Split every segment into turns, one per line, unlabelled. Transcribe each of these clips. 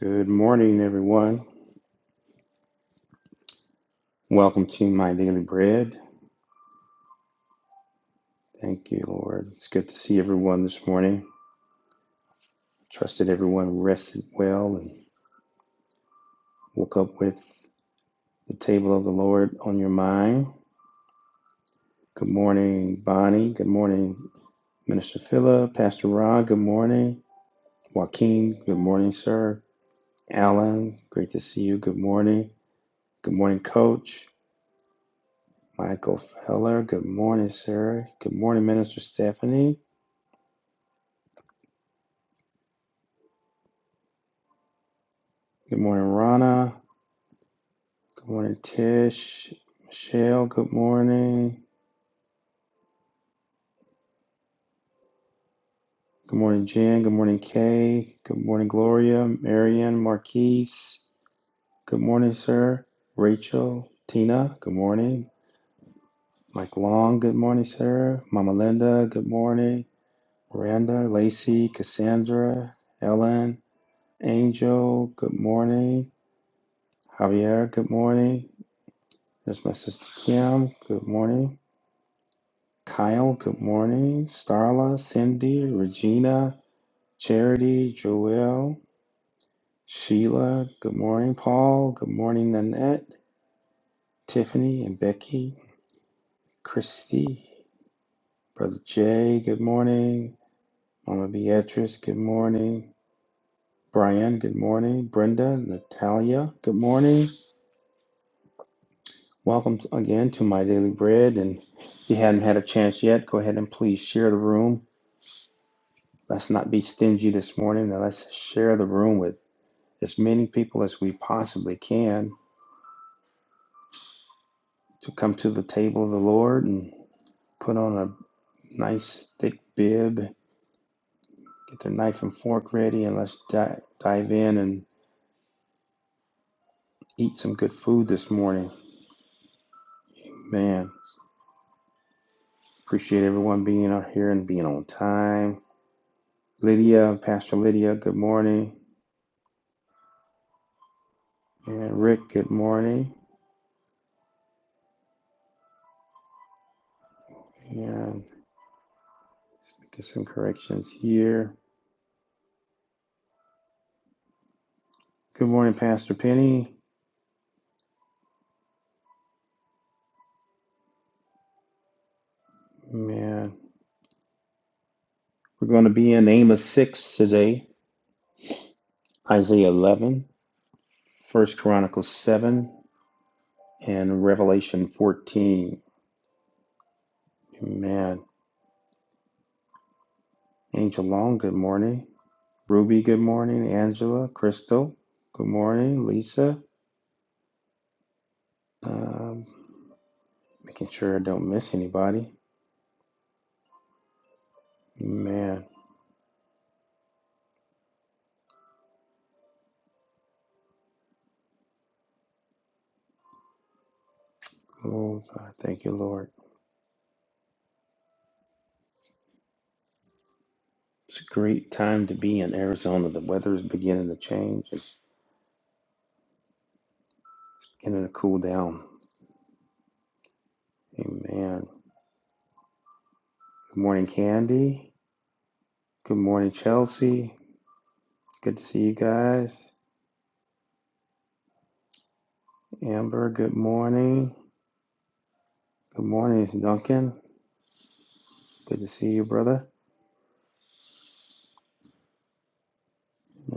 Good morning, everyone. Welcome to my daily bread. Thank you, Lord. It's good to see everyone this morning. Trust that everyone rested well and woke up with the table of the Lord on your mind. Good morning, Bonnie. Good morning, Minister Phila, Pastor Ron. Good morning, Joaquin. Good morning, sir. Alan, great to see you. Good morning. Good morning, Coach. Michael Feller. Good morning, Sarah. Good morning, Minister Stephanie. Good morning, Rana. Good morning, Tish. Michelle, good morning. Good morning, Jen. Good morning, Kay. Good morning, Gloria. Marianne, Marquise. Good morning, sir. Rachel, Tina, good morning. Mike Long, good morning, sir. Mama Linda, good morning. Miranda, Lacey, Cassandra, Ellen, Angel, good morning. Javier, good morning. There's my sister Kim, good morning. Kyle, good morning. Starla, Cindy, Regina, Charity, Joelle, Sheila, good morning, Paul, good morning, Nanette, Tiffany and Becky, Christy, Brother Jay, good morning, Mama Beatrice, good morning, Brian, good morning, Brenda, Natalia, good morning. Welcome again to My Daily Bread. And if you haven't had a chance yet, go ahead and please share the room. Let's not be stingy this morning and let's share the room with as many people as we possibly can to come to the table of the Lord and put on a nice thick bib, get their knife and fork ready, and let's di- dive in and eat some good food this morning. Man, appreciate everyone being out here and being on time. Lydia, Pastor Lydia, good morning. And Rick, good morning. And let's make some corrections here. Good morning, Pastor Penny. Man, we're going to be in Amos 6 today, Isaiah 11, First Chronicles 7, in Revelation 14. Man, Angel Long, good morning. Ruby, good morning. Angela, Crystal, good morning. Lisa, um, making sure I don't miss anybody. Man, oh, God, thank you, Lord. It's a great time to be in Arizona. The weather is beginning to change. It's beginning to cool down. Amen. Good morning, Candy. Good morning, Chelsea. Good to see you guys. Amber, good morning. Good morning, Duncan. Good to see you, brother.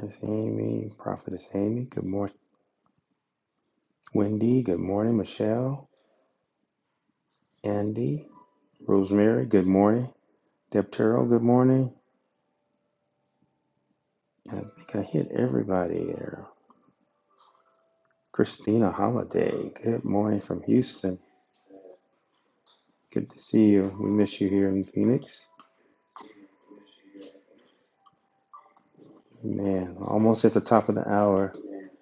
Miss Amy, Prophetess Amy. Good morning, Wendy. Good morning, Michelle. Andy, Rosemary. Good morning, Deptero. Good morning. I think I hit everybody there. Christina Holiday. Good morning from Houston. Good to see you. We miss you here in Phoenix. Man, almost at the top of the hour,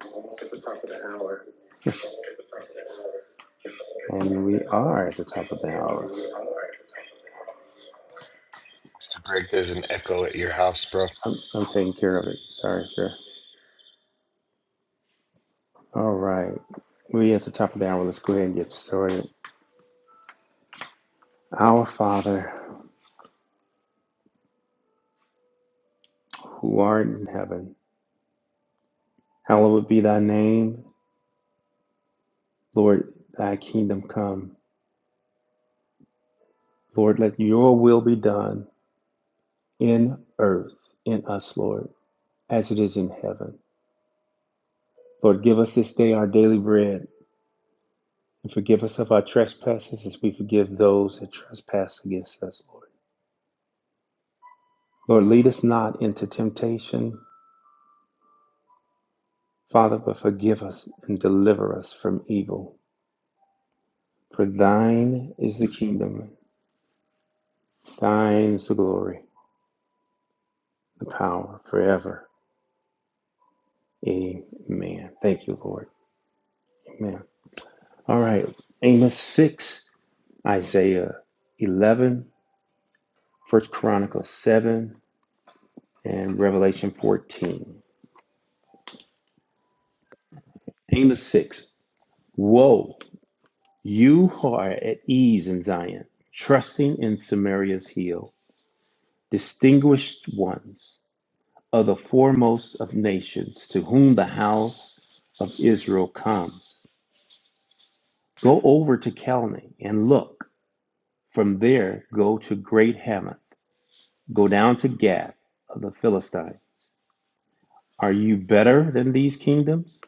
Almost at the top of the hour. and we are at the top of the hour.
Mr. Greg, there's an echo at your house, bro.
I'm, I'm taking care of it. Sorry, sir. All right. We at the top of the hour. Let's go ahead and get started. Our Father, who art in heaven, hallowed be thy name. Lord, thy kingdom come. Lord, let your will be done in earth, in us, Lord, as it is in heaven. Lord, give us this day our daily bread and forgive us of our trespasses as we forgive those that trespass against us, Lord. Lord, lead us not into temptation, Father, but forgive us and deliver us from evil. For thine is the kingdom, thine is the glory, the power forever. Amen. Thank you, Lord. Amen. All right. Amos 6, Isaiah 11, 1 Chronicles 7, and Revelation 14. Amos 6. Woe, you who are at ease in Zion, trusting in Samaria's heel, distinguished ones. of the foremost of nations to whom the house of Israel comes. Go over to Kelni and look. From there, go to Great Hamath. Go down to Gath of the Philistine. Are you better than these kingdoms?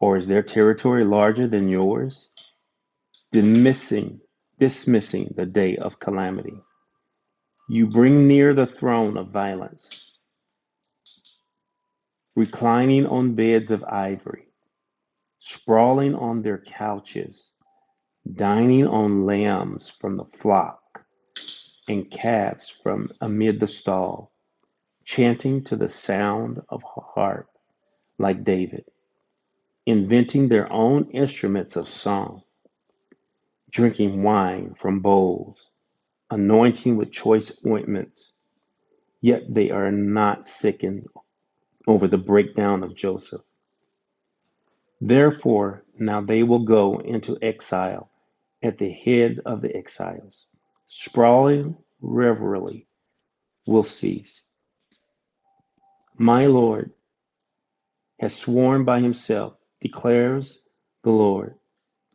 Or is their territory larger than yours? Dismissing, dismissing the day of calamity. You bring near the throne of violence, reclining on beds of ivory, sprawling on their couches Dining on lambs from the flock, and calves from amid the stall, chanting to the sound of harp like David, inventing their own instruments of song, drinking wine from bowls, anointing with choice ointments, yet they are not sickened over the breakdown of Joseph. Therefore, now they will go into exile at the head of the exiles. Sprawling revelry will cease My Lord has sworn by himself, declares the Lord.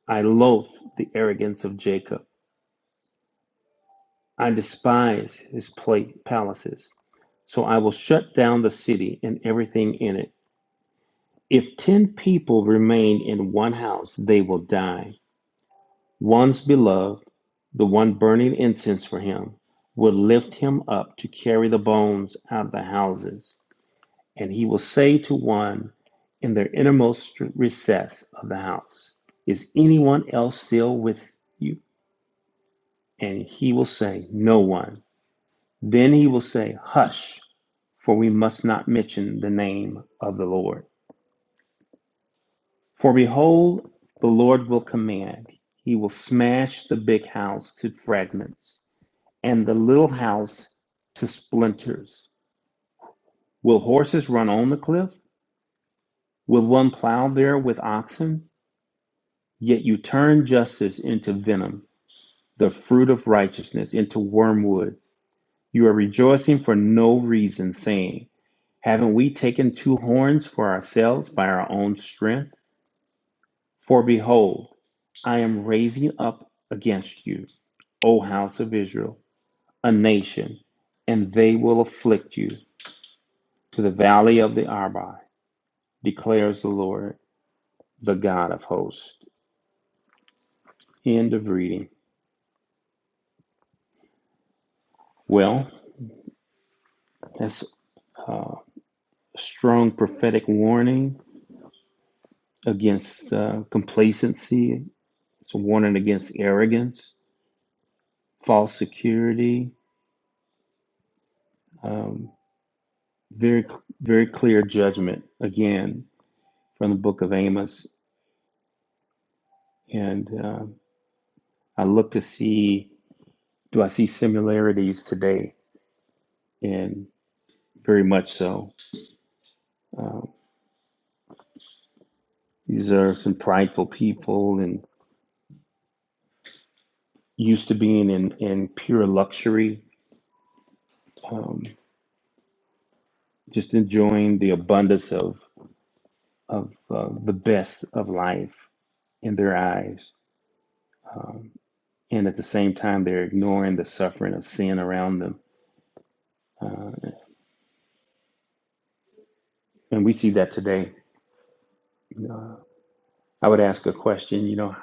I loathe the arrogance of Jacob. I despise his palaces. So I will shut down the city and everything in it. If ten people remain in one house, they will die. One's beloved, the one burning incense for him, will lift him up to carry the bones out of the houses. and he will say to one in their innermost recess of the house, Is anyone else still with you? And he will say, No one. Then he will say, Hush, for we must not mention the name of the Lord. For behold, the Lord will command. He will smash the big house to fragments and the little house to splinters. Will horses run on the cliff? Will one plow there with oxen? Yet you turn justice into venom, the fruit of righteousness into wormwood. You are rejoicing for no reason, saying, Haven't we taken two horns for ourselves by our own strength? For behold, I am raising up against you, O house of Israel, a nation, and they will afflict you to the valley of the Arba, declares the Lord, the God of hosts. End of reading. Well, that's uh, strong prophetic warning against uh, complacency. It's a warning against arrogance, false security. Um, very, very clear judgment again from the book of Amos. And um I look to see do I see similarities today? And very much so. Um, these are some prideful people and used to being in, in pure luxury, um, just enjoying the abundance of of uh, the best of life in their eyes. Um, and at the same time, they're ignoring the suffering of sin around them. Uh, and we see that today. Uh, I would ask a question you know,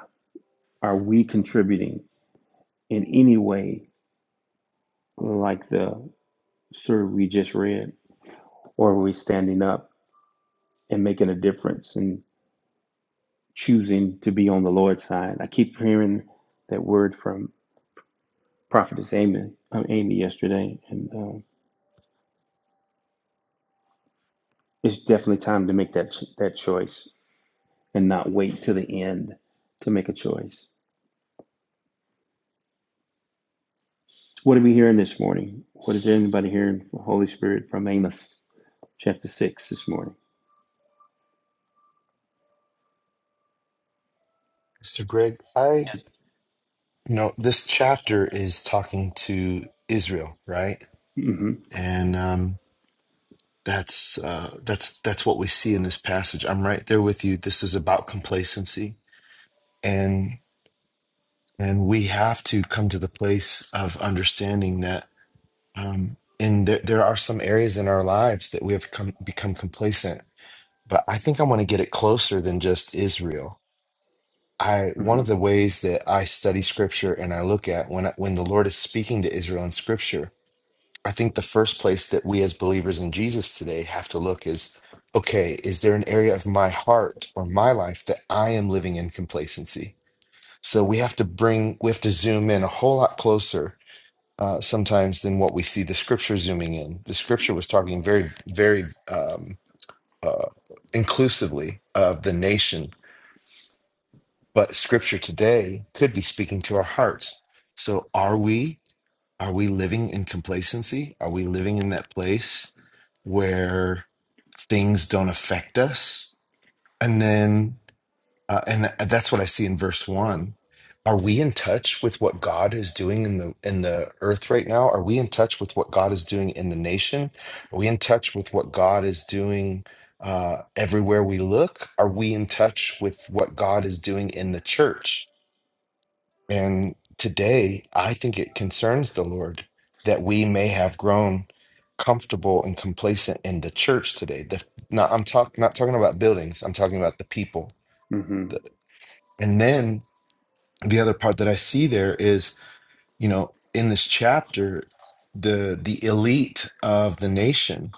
are we contributing in any way like the story we just read? Or are we standing up and making a difference and choosing to be on the Lord's side? I keep hearing that word from Prophetess Amy, uh, Amy yesterday. And um, it's definitely time to make that, that choice and not wait to the end to make a choice. What are we hearing this morning? What is anybody hearing from Holy Spirit from Amos chapter 6 this morning?
Mr. Greg, I,
Yes.
you know, this chapter is talking to Israel, right?
hmm
And um, that's uh, that's that's what we see in this passage. I'm right there with you. This is about complacency, and and we have to come to the place of understanding that. Um, and there, there are some areas in our lives that we have come become complacent. But I think I want to get it closer than just Israel I one
hmm
of the ways that I study scripture and I look at when I- when the Lord is speaking to Israel in scripture, I think the first place that we as believers in Jesus today have to look is okay, is there an area of my heart or my life that I am living in complacency? So we have to bring we have to zoom in a whole lot closer uh, sometimes than what we see the scripture zooming in. The scripture was talking very very um, uh, inclusively of the nation but scripture today could be speaking to our hearts so are we are we living in complacency are we living in that place where things don't affect us and then uh, and tha- that's what i see in verse 1 are we in touch with what god is doing in the in the earth right now are we in touch with what god is doing in the nation are we in touch with what god is doing uh, everywhere we look are we in touch with what god is doing in the church and today, I think it concerns the Lord that we may have grown comfortable and complacent in the church today. The, not, I'm talk, not talking about buildings, I'm talking about the people.
hmm
The, and then the other part that I see there is, you know, in this chapter, the the elite of the nation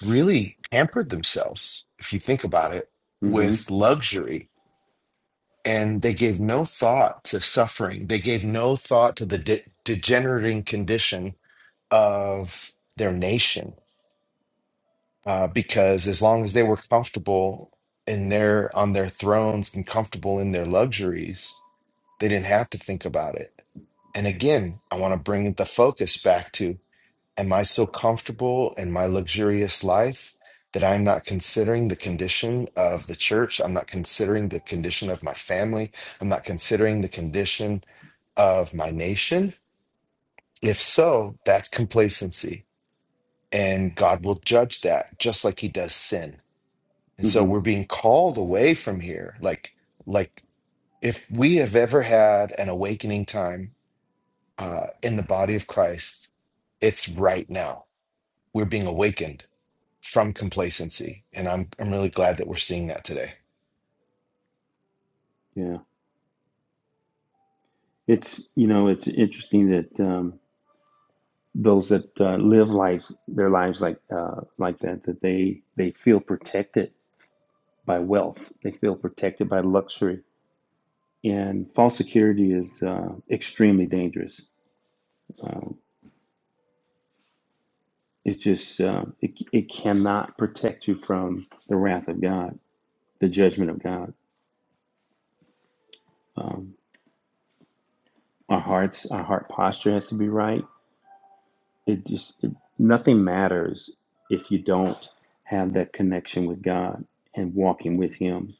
really pampered themselves, if you think about it,
hmm
with luxury and they gave no thought to suffering. They gave no thought to the de- degenerating condition of their nation, uh, because as long as they were comfortable in their on their thrones and comfortable in their luxuries, they didn't have to think about it. And again, I want to bring the focus back to Am I so comfortable in my luxurious life that I'm not considering the condition of the church? I'm not considering the condition of my family. I'm not considering the condition of my nation. If so, that's complacency. And God will judge that just like he does sin. And so
hmm
we're being called away from here. Like, like if we have ever had an awakening time uh, in the body of Christ, it's right now. We're being awakened from complacency. And I'm I'm really glad that we're seeing that today.
Yeah. It's, you know, it's interesting that um, those that uh, live life, their lives like uh, like that, that they, they feel protected by wealth. They feel protected by luxury. And false security is uh, extremely dangerous Uh, It's just uh, it it cannot protect you from the wrath of God, the judgment of God. Um, our hearts, our heart posture has to be right. It just it, nothing matters if you don't have that connection with God and walking with Him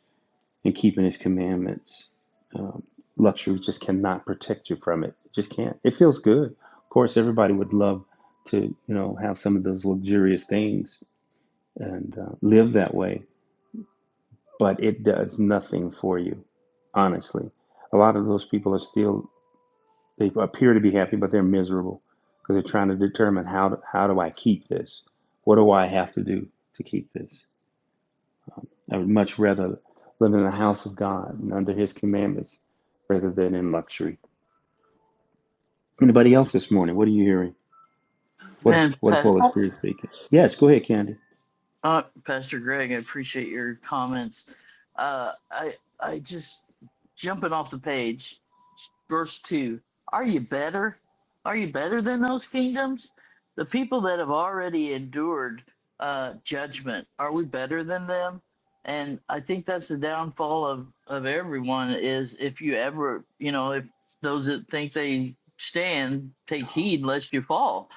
and keeping His commandments. Um, luxury just cannot protect you from it. It just can't. It feels good. Of course, everybody would love to you know have some of those luxurious things and uh, live that way but it does nothing for you, honestly. A lot of those people are still, they appear to be happy, but they're miserable because they're trying to determine how, do- how do I keep this? What do I have to do to keep this? I would much rather live in the house of God and under his commandments rather than in luxury. Anybody else this morning? What are you hearing? What,
Man,
what is
Pa-
Holy Spirit speaking? Yes, go ahead, Candy.
uh, Pastor Greg, I appreciate your comments. Uh, I I just jumping off the page verse 2 are you better are you better than those kingdoms the people that have already endured uh, judgment are we better than them and i think that's the downfall of of everyone is if you ever you know if those that think they stand take heed lest you fall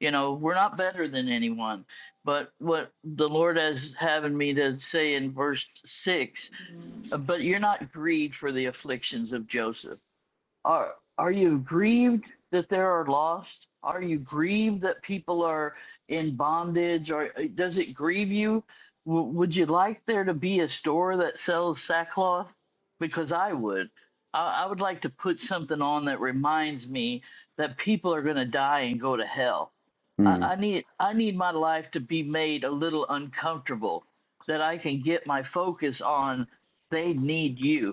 you know we're not better than anyone but what the lord has having me to say in verse 6 but you're not grieved for the afflictions of joseph are are you grieved that there are lost? Are you grieved that people are in bondage? Or does it grieve you? W- would you like there to be a store that sells sackcloth? Because I would. I, I would like to put something on that reminds me that people are going to die and go to hell. I,
Mm,
I need I need my life to be made a little uncomfortable that I can get my focus on. They need you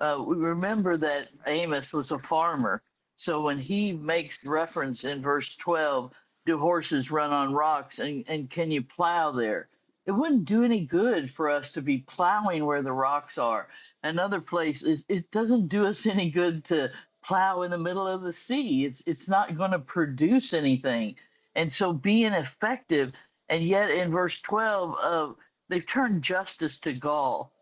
uh, we remember that Amos was a farmer. So when he makes reference in verse 12, do horses run on rocks and, and can you plow there? It wouldn't do any good for us to be plowing where the rocks are. Another place is it doesn't do us any good to plow in the middle of the sea. It's it's not going to produce anything. And so being effective, and yet in verse 12, uh, they've turned justice to gall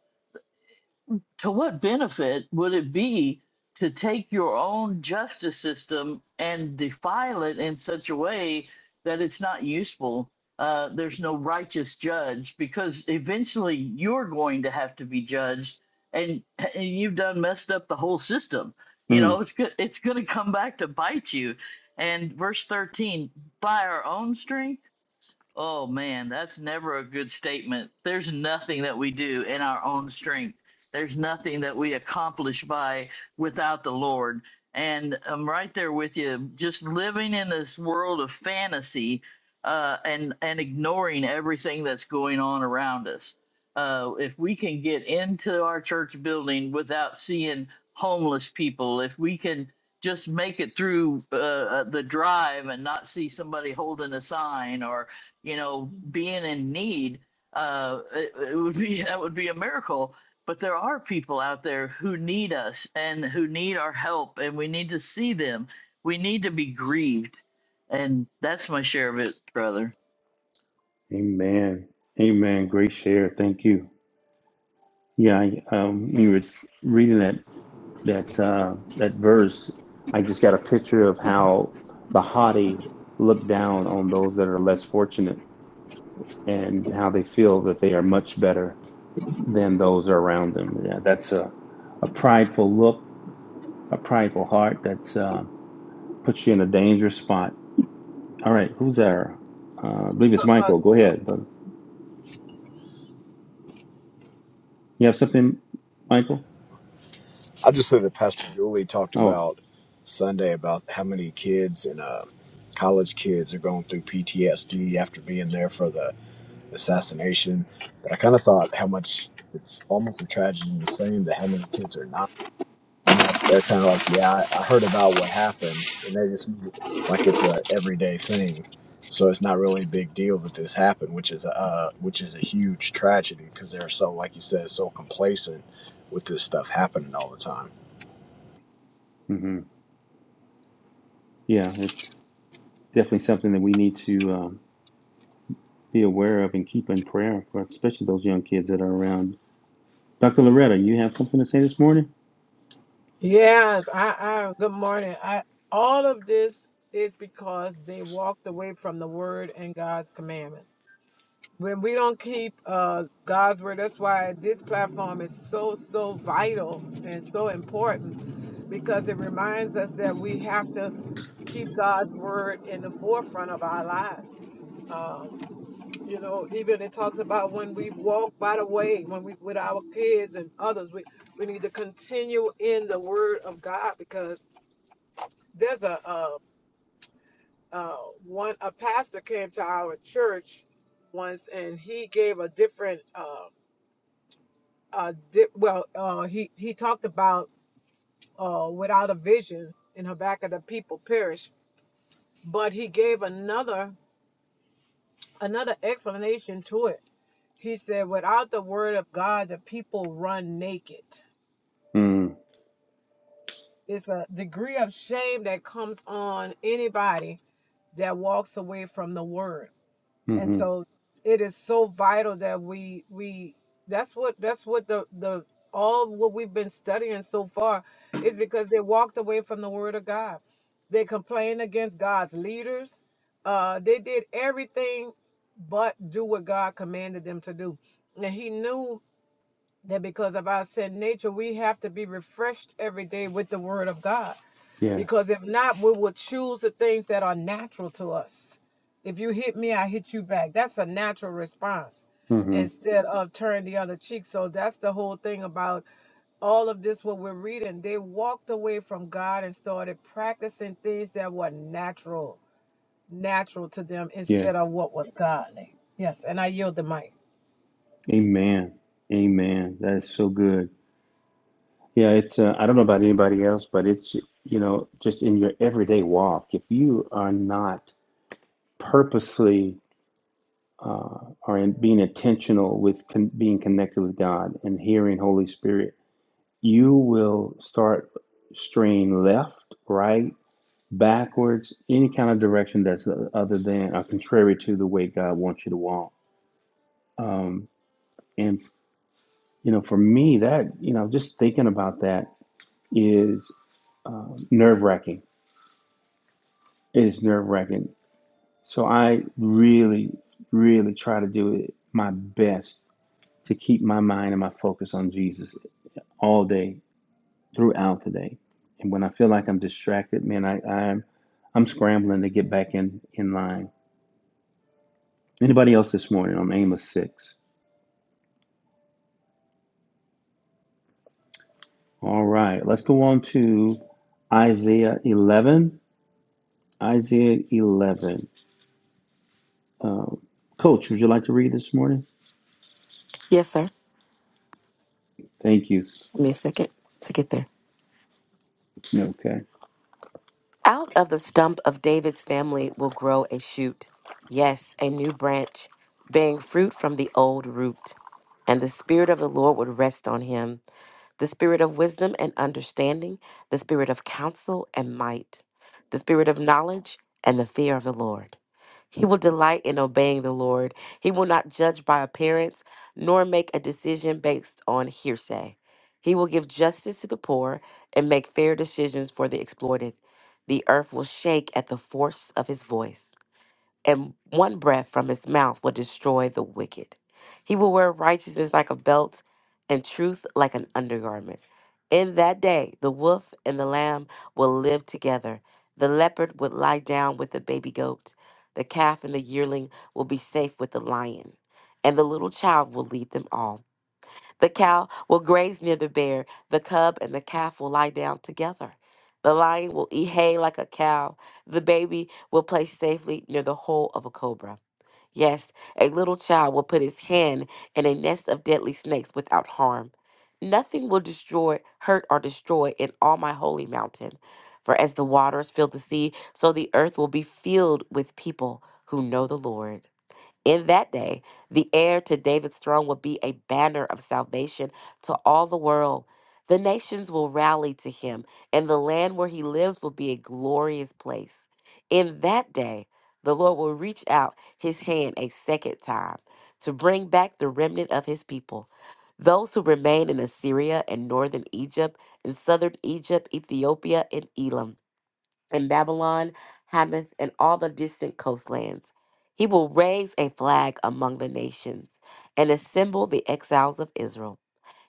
to what benefit would it be to take your own justice system and defile it in such a way that it's not useful? Uh, there's no righteous judge because eventually you're going to have to be judged, and, and you've done messed up the whole system. You know
mm.
it's good. It's going to come back to bite you. And verse 13, by our own strength Oh man, that's never a good statement. There's nothing that we do in our own strength. There's nothing that we accomplish by without the Lord. And I'm right there with you. Just living in this world of fantasy uh, and and ignoring everything that's going on around us. Uh, if we can get into our church building without seeing homeless people, if we can just make it through uh, uh, the drive and not see somebody holding a sign or you know, being in need, uh, it, it would be that would be a miracle. But there are people out there who need us and who need our help, and we need to see them. We need to be grieved, and that's my share of it, brother.
Amen. Amen. Great share. Thank you. Yeah, I, um, you were reading that. that uh, that verse, I just got a picture of how the haughty look down on those that are less fortunate and how they feel that they are much better than those around them. Yeah, that's a, a prideful look, a prideful heart that uh, puts you in a dangerous spot. All right, who's there? Uh, I believe it's
Uh,
Michael. Go ahead. But you have something, Michael?
I just heard that Pastor Julie talked
Oh,
about Sunday about how many kids and uh, college kids are going through PTSD after being there for the assassination. But I kind of thought how much it's almost a tragedy in the same that how many kids are not and they're, they're kind of like, yeah, I, I heard about what happened, and they just move it like it's a everyday thing. So it's not really a big deal that this happened, which is a uh, which is a huge tragedy because they're so, like you said, so complacent with this stuff happening all the time.
hmm yeah, it's definitely something that we need to. Um, be aware of and keep in prayer for, especially those young kids that are around. Dr. Loretta, you have something to say this morning?
Yes, I, I good morning. I all of this is because they walked away from the word and God's commandment. When we don't keep uh God's word, that's why this platform is so so vital and so important because it reminds us that we have to keep God's word in the forefront of our lives. Um, You know, even it talks about when we walk by the way, when we with our kids and others, we, we need to continue in the word of God because there's a uh, uh, one a pastor came to our church once and he gave a different uh, uh di- well uh he he talked about uh without a vision in Habakkuk the people perish, but he gave another another explanation to it. He said, without the word of God, the people run naked
Mm,
It's a degree of shame that comes on anybody that walks away from the word. And
mm-hmm.
so it is so vital that we we that's what that's what the the all what we've been studying so far is because they walked away from the word of God. They complained against God's leaders. Uh they did everything but do what God commanded them to do. And he knew that because of our sin nature, we have to be refreshed every day with the word of God
Yes.
because if not, we will choose the things that are natural to us. If you hit me, I hit you back. That's a natural response
Mm-hmm.
instead of turning the other cheek. So that's the whole thing about all of this, what we're reading. They walked away from God and started practicing things that were natural, natural to them
Yeah.
instead of what was godly. Yes, and I yield the mic.
Amen. Amen. That is so good. Yeah, it's, uh, I don't know about anybody else, but it's, you know, just in your everyday walk, if you are not purposely uh, or in being intentional with con- being connected with God and hearing Holy Spirit, you will start straying left, right, backwards, any kind of direction that's uh, other than or contrary to the way God wants you to walk. Um, and you know, for me, that you know, just thinking about that is uh, nerve wracking. It is nerve wracking. So I really, really try to do it my best to keep my mind and my focus on Jesus all day throughout the day. And when I feel like I'm distracted, man, I, I'm I'm scrambling to get back in in line. Anybody else this morning on Amos six? All right, let's go on to Isaiah 11. Isaiah 11. Uh, Coach, would you like to read this morning?
Yes, sir.
Thank you.
Give me a second to get there.
Okay.
Out of the stump of David's family will grow a shoot. Yes, a new branch, bearing fruit from the old root. And the Spirit of the Lord would rest on him. the spirit of wisdom and understanding, the spirit of counsel and might, the spirit of knowledge and the fear of the Lord. He will delight in obeying the Lord. He will not judge by appearance, nor make a decision based on hearsay. He will give justice to the poor and make fair decisions for the exploited. The earth will shake at the force of his voice and one breath from his mouth will destroy the wicked. He will wear righteousness like a belt and truth like an undergarment. In that day, the wolf and the lamb will live together. The leopard will lie down with the baby goat. The calf and the yearling will be safe with the lion, and the little child will lead them all. The cow will graze near the bear. The cub and the calf will lie down together. The lion will eat hay like a cow. The baby will play safely near the hole of a cobra. Yes, a little child will put his hand in a nest of deadly snakes without harm. Nothing will destroy, hurt, or destroy in all my holy mountain. For as the waters fill the sea, so the earth will be filled with people who know the Lord. In that day, the heir to David's throne will be a banner of salvation to all the world. The nations will rally to him, and the land where he lives will be a glorious place. In that day, the Lord will reach out his hand a second time to bring back the remnant of his people. Those who remain in Assyria and northern Egypt, and southern Egypt, Ethiopia, and Elam and Babylon, Hamath, and all the distant coastlands. He will raise a flag among the nations and assemble the exiles of Israel.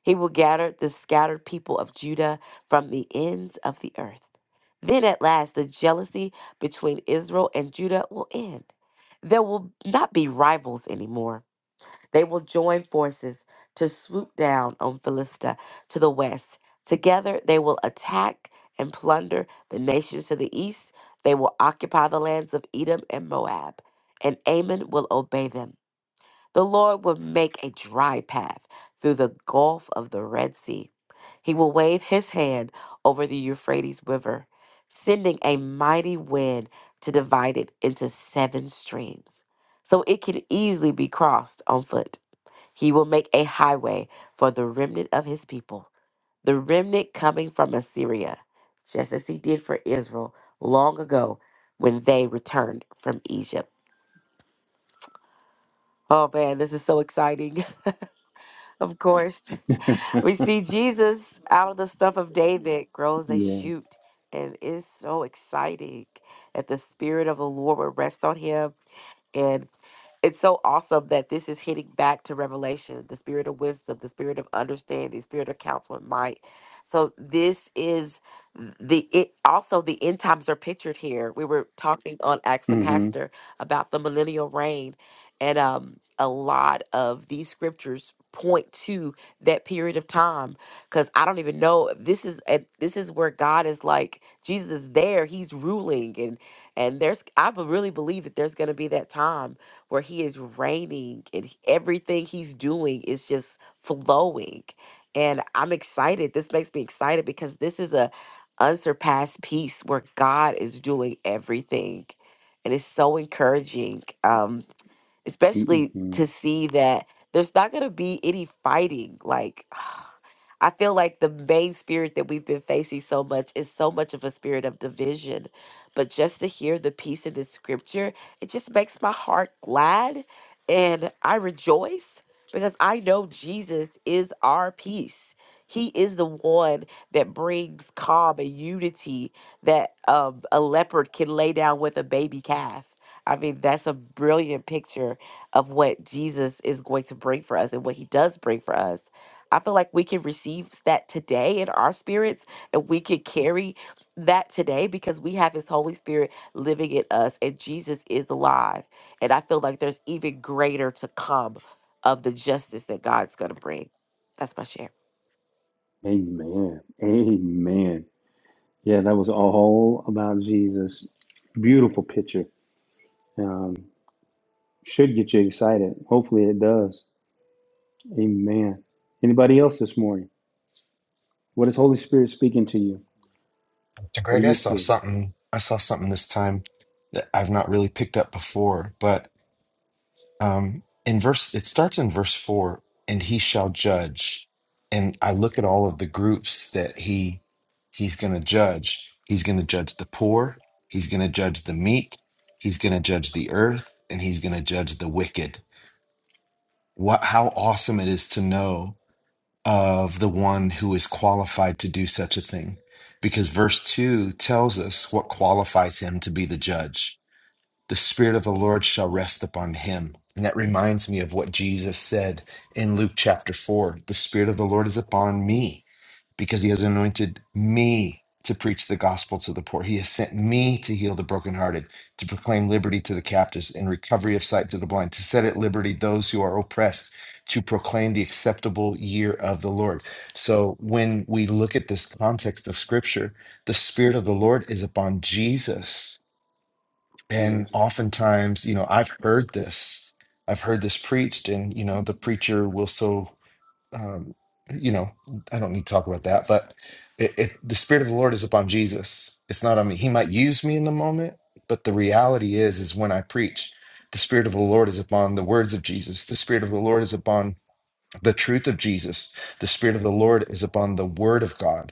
He will gather the scattered people of Judah from the ends of the earth. Then at last, the jealousy between Israel and Judah will end. There will not be rivals anymore. They will join forces to swoop down on Philistia to the west. Together, they will attack and plunder the nations to the east. They will occupy the lands of Edom and Moab, and Ammon will obey them. The Lord will make a dry path through the gulf of the Red Sea. He will wave his hand over the Euphrates River, sending a mighty wind to divide it into seven streams, so it can easily be crossed on foot. He will make a highway for the remnant of his people, the remnant coming from Assyria, just as he did for Israel long ago when they returned from Egypt. Oh man, this is so exciting. Of course, we see Jesus out of the stuff of David grows a
yeah.
shoot, and it's so exciting that the Spirit of the Lord will rest on him. and. It's so awesome that this is hitting back to revelation, the spirit of wisdom, the spirit of understanding, the spirit of counsel and might. So this is the it also the end times are pictured here. We were talking on Acts the
Mm-hmm.
Pastor about the millennial reign and um a lot of these scriptures point to that period of time because I don't even know this is and this is where God is like Jesus is there he's ruling and and there's I be- really believe that there's going to be that time where he is reigning and he- everything he's doing is just flowing. And I'm excited. This makes me excited because this is a unsurpassed piece where God is doing everything. And it's so encouraging. Um, especially
Mm-hmm.
to see that there's not going to be any fighting. Like, I feel like the main spirit that we've been facing so much is so much of a spirit of division. But just to hear the peace in the scripture, it just makes my heart glad and I rejoice because I know Jesus is our peace. He is the one that brings calm and unity that um, a leopard can lay down with a baby calf. I mean, that's a brilliant picture of what Jesus is going to bring for us and what he does bring for us. I feel like we can receive that today in our spirits and we can carry that today because we have his Holy Spirit living in us and Jesus is alive. And I feel like there's even greater to come of the justice that God's going to bring. That's my share.
Amen. Amen. Yeah, that was all about Jesus. Beautiful picture. Um, should get you excited. Hopefully it does. Amen. Anybody else this morning? What is Holy Spirit speaking to you?
So
What do
Greg, I
you
saw
see?
something I saw something this time that I've not really picked up before, but um in verse it starts in verse four, and he shall judge. And I look at all of the groups that he he's gonna judge. He's gonna judge the poor, he's gonna judge the meek, he's gonna judge the earth, and he's gonna judge the wicked. What how awesome it is to know. of the one who is qualified to do such a thing. Because verse 2 tells us what qualifies him to be the judge the Spirit of the Lord shall rest upon him. And that reminds me of what Jesus said in Luke chapter 4 The Spirit of the Lord is upon me because he has anointed me to preach the gospel to the poor. He has sent me to heal the brokenhearted, to proclaim liberty to the captives and recovery of sight to the blind, to set at liberty those who are oppressed, to proclaim the acceptable year of the Lord. So when we look at this context of scripture, the Spirit of the Lord is upon Jesus and
Yes.
oftentimes, you know, I've heard this, I've heard this preached, and, you know, the preacher will so, um, you know, I don't need to talk about that, but it, it, the Spirit of the Lord is upon Jesus. It's not on me. He might use me in the moment, but the reality is, is when I preach, the Spirit of the Lord is upon the words of Jesus. The Spirit of the Lord is upon the truth of Jesus. The Spirit of the Lord is upon the Word of God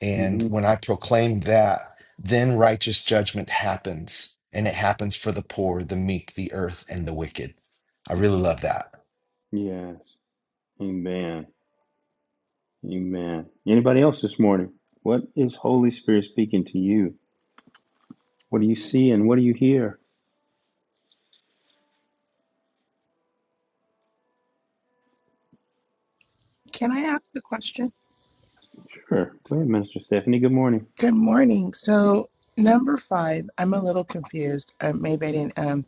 and
Mm-hmm.
when I proclaim that, then righteous judgment happens, and it happens for the poor, the meek, the earth, and the wicked. I really love that.
Yes. Amen. Amen. Anybody else this morning? What is Holy Spirit speaking to you? What do you see and what do you hear?
Can I ask a question?
Sure. Go ahead, Minister Stephanie. Good morning.
Good morning. So number five, I'm a little confused. Um, maybe I didn't. Um,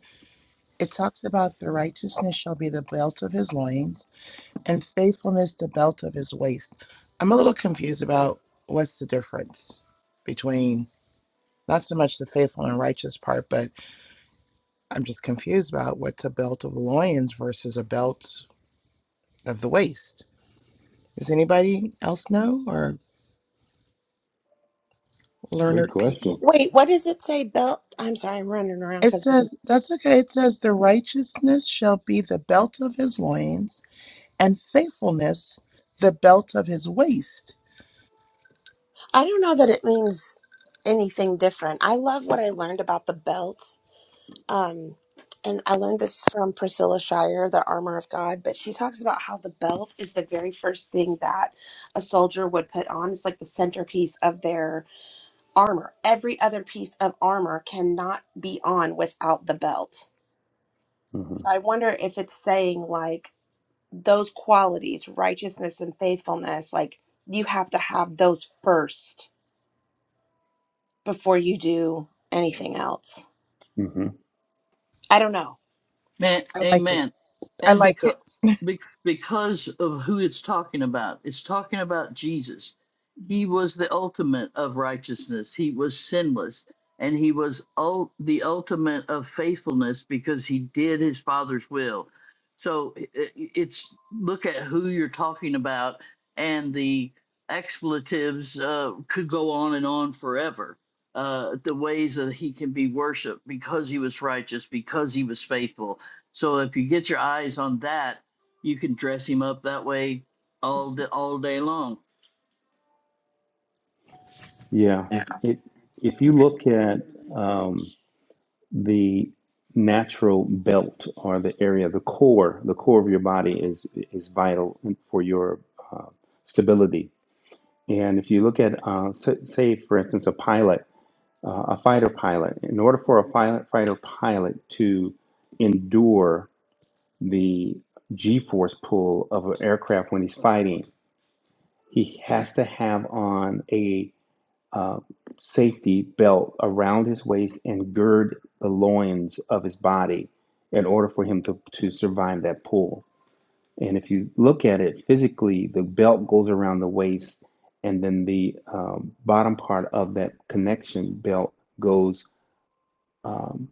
it talks about the righteousness shall be the belt of his loins, and faithfulness the belt of his waist. I'm a little confused about what's the difference between not so much the faithful and righteous part, but I'm just confused about what's a belt of the loins versus a belt of the waist. Does anybody else know or
Great
learned people?
question.
Wait, what does it say, belt? I'm sorry, I'm running around
It
because
says, that's okay. It says, the righteousness shall be the belt of his loins, and faithfulness the belt of his waist.
I don't know that it means anything different. I love what I learned about the belt. Um, and I learned this from Priscilla Shire, the armor of God, but she talks about how the belt is the very first thing that a soldier would put on. It's like the centerpiece of their armor. Every other piece of armor cannot be on without the belt.
mm
So
hmm
I wonder if it's saying like those qualities, righteousness and faithfulness, like you have to have those first before you do anything else.
mm hmm
I don't know.
Man,
I like it.
amen.
I
And
like
because
it.
because of who it's talking about, it's talking about Jesus. He was the ultimate of righteousness. He was sinless, and he was ul- the ultimate of faithfulness because he did his Father's will. So i- i- it's look at who you're talking about, and the expletives uh, could go on and on forever. Uh, the ways that he can be worshipped because he was righteous, because he was faithful so if you get your eyes on that, you can dress him up that way all day, all day long.
Yeah.
Yeah.
It, if you look at um, the natural belt or the area, the core, the core of your body is is vital for your uh, stability. And if you look at, uh, s- say, for instance, a pilot. uh, a fighter pilot. In order for a pilot, fighter pilot to endure the G-force pull of an aircraft when he's fighting, he has to have on a uh, safety belt around his waist and gird the loins of his body in order for him to, to survive that pull. And if you look at it physically, the belt goes around the waist, and then the um, bottom part of that connection belt goes um,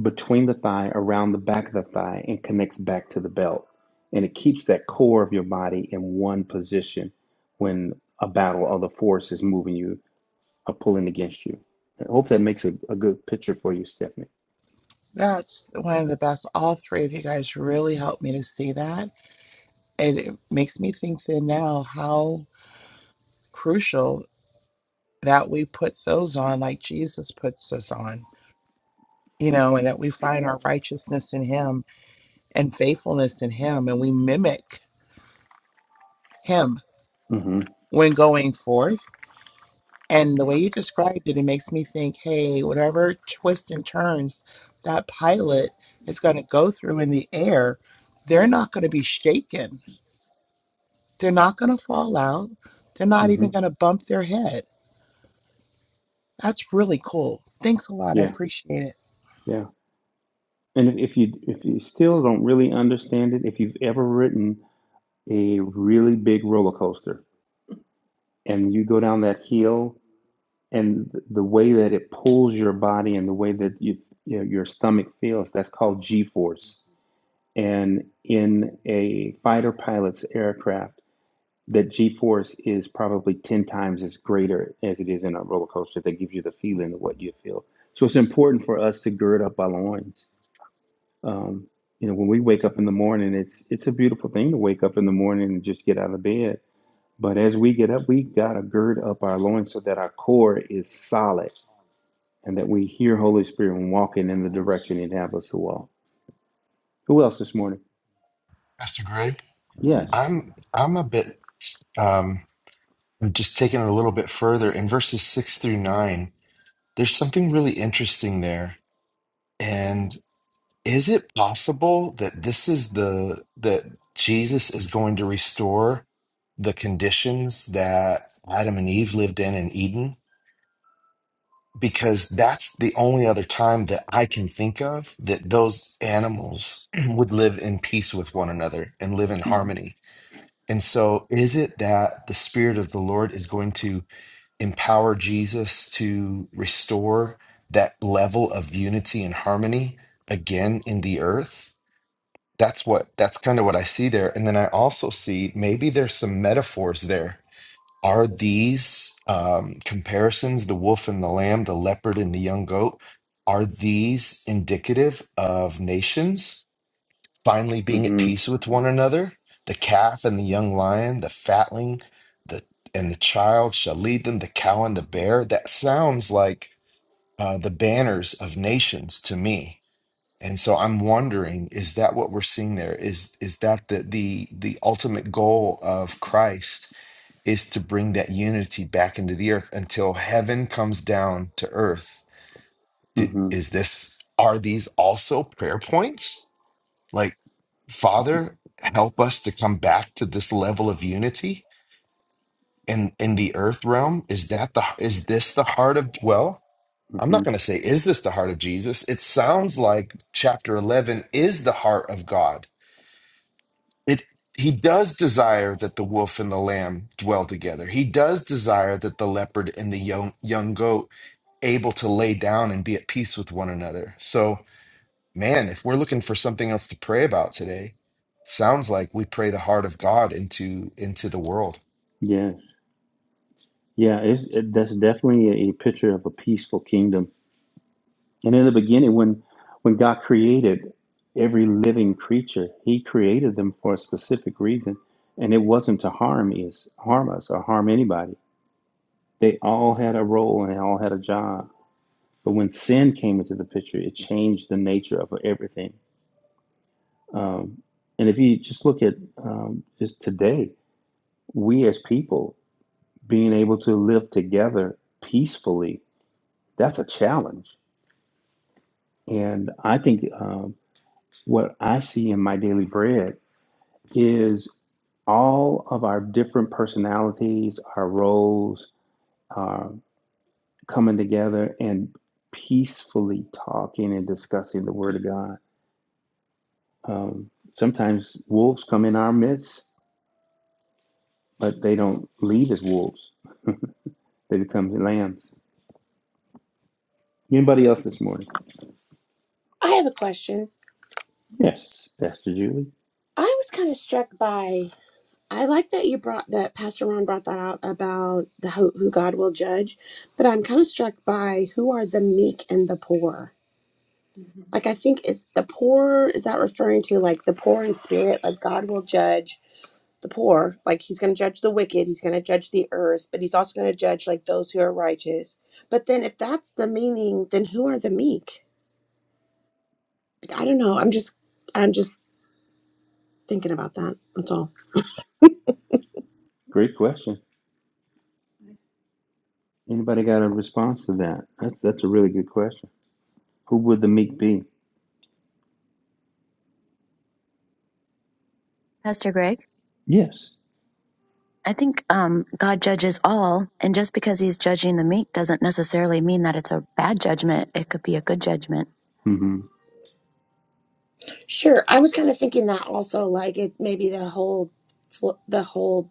between the thigh, around the back of the thigh, and connects back to the belt. And it keeps that core of your body in one position when a battle or the force is moving you or pulling against you. I hope that makes a, a good picture for you, Stephanie.
That's one of the best. All three of you guys really helped me to see that. And it makes me think then now how crucial that we put those on like Jesus puts us on, you know, and that we find our righteousness in him and faithfulness in him and we mimic him
mm hmm
when going forth And the way you described it, it makes me think, hey, whatever twists and turns that pilot is going to go through in the air, they're not going to be shaken. They're not going to fall out. They're not
mm hmm
even going to bump their head. That's really cool. Thanks a lot. I
Yeah,
appreciate it.
yeah. And if, if you if you still don't really understand it, if you've ever ridden a really big roller coaster and you go down that hill and the way that it pulls your body and the way that you, you know, your stomach feels that's called g-force and in a fighter pilot's aircraft that g-force is probably 10 times as greater as it is in a roller coaster that gives you the feeling of what you feel so it's important for us to gird up our loins um, you know when we wake up in the morning it's it's a beautiful thing to wake up in the morning and just get out of bed but as we get up we got to gird up our loins so that our core is solid and that we hear Holy Spirit when walking in the direction He'd have us to walk. Who else this morning?
Pastor Greg,
Yes.
I'm I'm a bit um I'm just taking it a little bit further in verses six through nine. There's something really interesting there. And is it possible that this is the that Jesus is going to restore the conditions that Adam and Eve lived in in Eden? Because that's the only other time that I can think of that those animals would live in peace with one another and live in
Mm-hmm.
harmony. And so, is it that the Spirit of the Lord is going to empower Jesus to restore that level of unity and harmony again in the earth. That's what that's kind of what I see there. And then I also see maybe there's some metaphors there. Are these um, comparisons, the wolf and the lamb, the leopard and the young goat, are these indicative of nations? finally being at
Mm-hmm.
peace with one another. The calf and the young lion, the fatling, the and the child shall lead them. The cow and the bear. That sounds like uh, the banners of nations to me. And so I'm wondering, is that what we're seeing there? Is is that the the the ultimate goal of Christ is to bring that unity back into the earth until heaven comes down to earth? D-
Mm-hmm.
Is this are these also prayer points? like father help us to come back to this level of unity in in the earth realm is that the is this the heart of well i'm
hmm
not going to say is this the heart of jesus it sounds like chapter 11 is the heart of god it he does desire that the wolf and the lamb dwell together he does desire that the leopard and the young young goat able to lay down and be at peace with one another so man, if we're looking for something else to pray about today, sounds like we pray the heart of God into into the world.
Yes. Yeah. It's it, that's definitely a picture of a peaceful kingdom. And in the beginning, when when God created every living creature, He created them for a specific reason, and it wasn't to harm us, harm us, or harm anybody. They all had a role and they all had a job. But when sin came into the picture, it changed the nature of everything Um, and if you just look at um, just today, we as people being able to live together peacefully, that's a challenge. And I think um, what I see in my daily bread is all of our different personalities, our roles uh, coming together and peacefully talking and discussing the Word of God. Um, sometimes wolves come in our midst, but they don't leave as wolves, they become lambs Anybody else this morning?
I have a question.
Yes, Pastor Julie.
I was kind of struck by. I like that you brought that Pastor Ron brought that out about the who, who God will judge, but I'm kind of struck by who are the meek and the poor. Like I think is the poor is that referring to like the poor in spirit, like God will judge, the poor like he's going to judge the wicked he's going to judge the earth but he's also going to judge like those who are righteous but then if that's the meaning then who are the meek like i don't know i'm just i'm just thinking about that that's all
Great question. Anybody got a response to that? That's that's a really good question. Who would the meek be?
Pastor Greg,
Yes.
I think um, God judges all, and just because He's judging the meek doesn't necessarily mean that it's a bad judgment. It could be a good judgment.
Mm-hmm.
Sure. I was kind of thinking that also, like it maybe the whole fl- the whole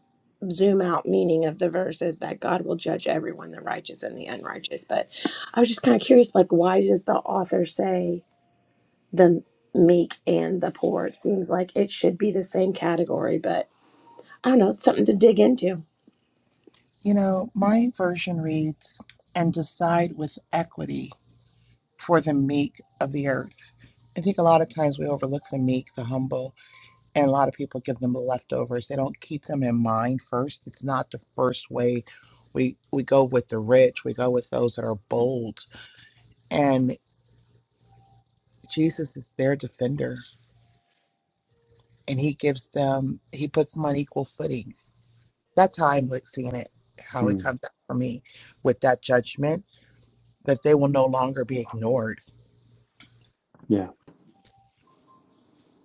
zoom out meaning of the verse is that God will judge everyone, the righteous and the unrighteous. But I was just kind of curious, like why does the author say the meek and the poor? It seems like it should be the same category, but I don't know. It's something to dig into.
You know, my version reads, and decide with equity for the meek of the earth. I think a lot of times we overlook the meek, the humble And a lot of people give them the leftovers. They don't keep them in mind first. It's not the first way we we go with the rich. We go with those that are bold. And Jesus is their defender. And he gives them he puts them on equal footing. That's how I'm like seeing it, how it
Mm.
comes out for me with that judgment, that they will no longer be ignored.
Yeah.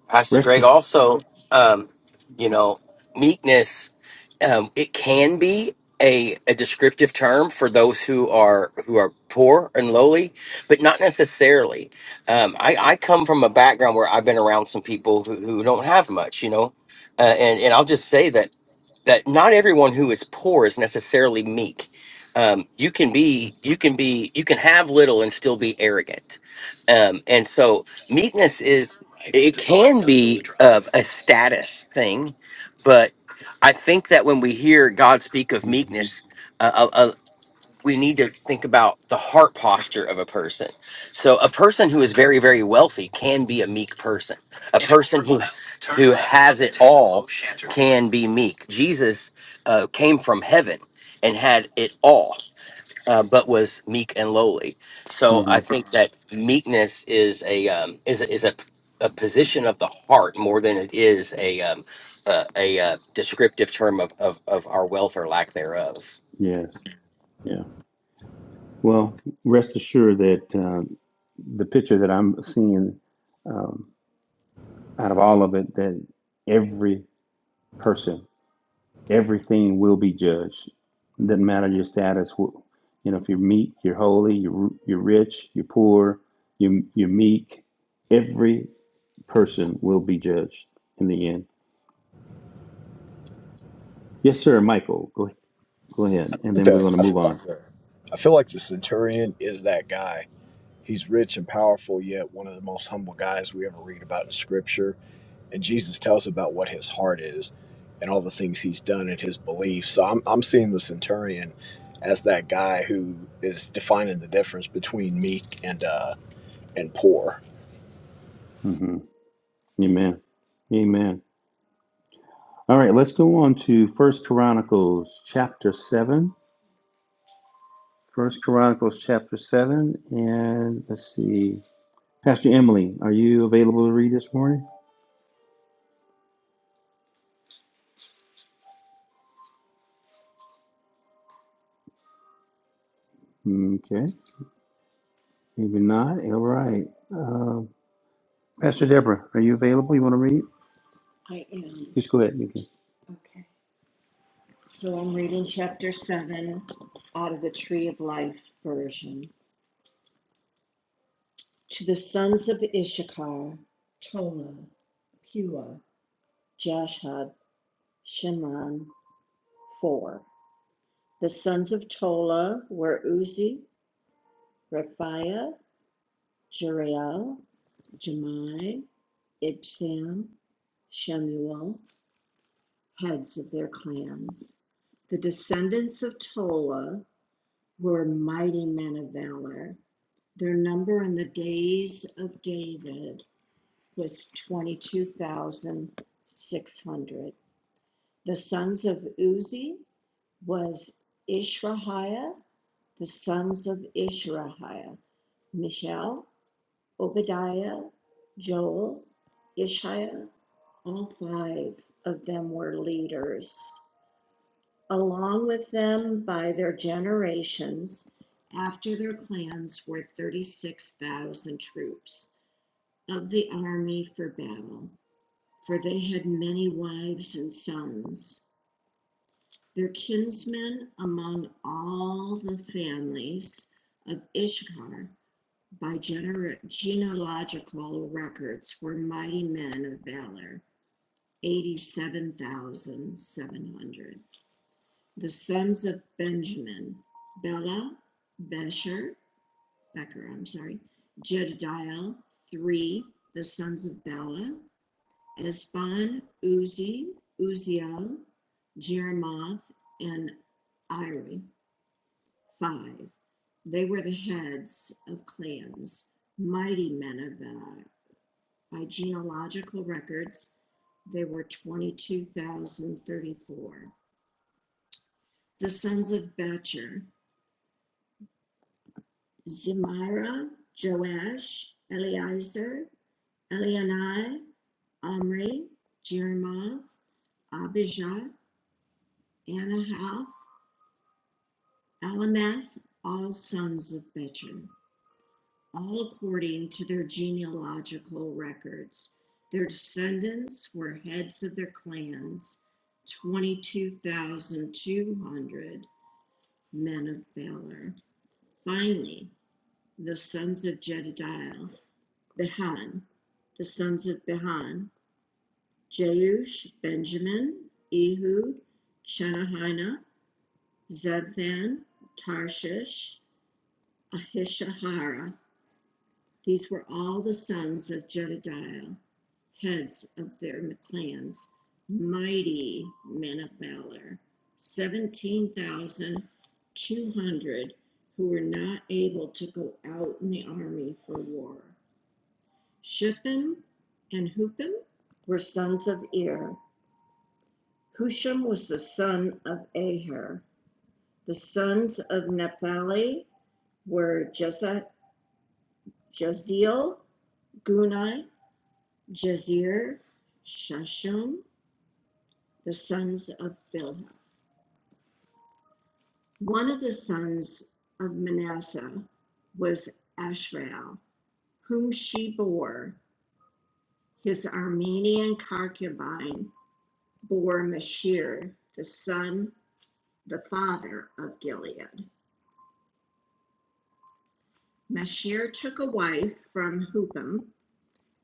Pastor
Rest.
Greg,
assured.
also, um, you know, meekness, um, it can be a, a descriptive term for those who are who are poor and lowly, but not necessarily. Um, I, I come from a background where I've been around some people who, who don't have much, you know, uh, and and I'll just say that that not everyone who is poor is necessarily meek. Um, you can be, you can be, you can have little and still be arrogant. Um, and so meekness is, it can be of
ass-
a status thing, but I think that when we hear God speak of
Mhm.
meekness, uh, uh, uh, we need to think about the heart posture of a person. So a person who is very, very wealthy can be a meek person. A person who who has it all can be meek. Jesus uh, came from heaven and had it all, uh, but was meek and lowly. So I
Mhm.
think that meekness is a um, is a, is a, a position of the heart more than it is a um, uh, a uh, descriptive term of, of of our wealth or lack thereof.
Yes. Yeah. Well, rest assured that uh, the picture that I'm seeing um, out of all of it, that every person Everything will be judged. It Doesn't matter your status. You know, if you're meek, you're holy. You're you're rich. You're poor. You're you're meek. Every person will be judged in the end. Yes, sir, Michael. Go go ahead,
I
and
think
then we're
that
going to
I feel
move
like
on.
the I feel like the centurion is that guy He's rich and powerful, yet one of the most humble guys we ever read about in scripture. And Jesus tells about what his heart is and all the things he's done and his beliefs. So I'm, I'm seeing the centurion as that guy who is defining the difference between meek and uh, and poor.
hmm Amen. Amen. All right, let's go on to First Chronicles chapter seven. First Chronicles chapter seven, and let's see. Pastor Emily, are you available to read this morning? Okay. Maybe not. All right. Uh, Pastor Deborah, are you available? You want to read? I am. Just go ahead. You can. Okay. So I'm reading chapter 7 out of the Tree of Life version. To the sons of Issachar, Tola, Pua, Jashad, Shimron, 4. The sons of Tola were Uzi, Raphiah, Jeriel, Jemai, Ibsam, Shemuel. heads of their clans. The descendants of Tola were mighty men of valor. Their number in the days of David was 22,600. The sons of Uzi was Ishrahiah. The sons of Ishrahiah, Mishael, Obadiah, Joel, Ishiah. All five of them were leaders. along with them by their generations after their clans were 36,000 troops of the army for battle, for they had many wives and sons. Their kinsmen among all the families of Ishkar by gener- genealogical records were mighty men of valor, 87,700. The sons of Benjamin: Bela, Becher, Becher, I'm sorry, Jedidiah, three, the sons of Bela, Esbon, Uzi, Uziel, Jeremoth, and Iri, five. They were the heads of clans, mighty men of valor. By genealogical records, they were 22,034. The sons of Becher, Zimira, Joash, Eliezer, Elianai, Omri, Jerimoth, Abijah, Anahath, Alameth, all sons of Bechan, all according to their genealogical records. Their descendants were heads of their clans, 22,200 men of valor. Finally, the sons of Jedidiah Behan. The sons of Behan, Jeush, Benjamin, Ehud, Chenahina, Zephan, Tarshish, Ahishahara. These were all the sons of Jedidiah, heads of their clans, mighty men of valor, 17,200 who were not able to go out in the army for war. Shupham and Hupham were sons of Ir. Husham was the son of Aher. The sons of Naphtali were Jeza- Jezeel, Guni, Jezir, Shashum, the sons of Bilhah. One of the sons of Manasseh was Ashrael, whom she bore. His Armenian concubine bore Mashir, the son the father of Gilead. Mashir took a wife from Hupim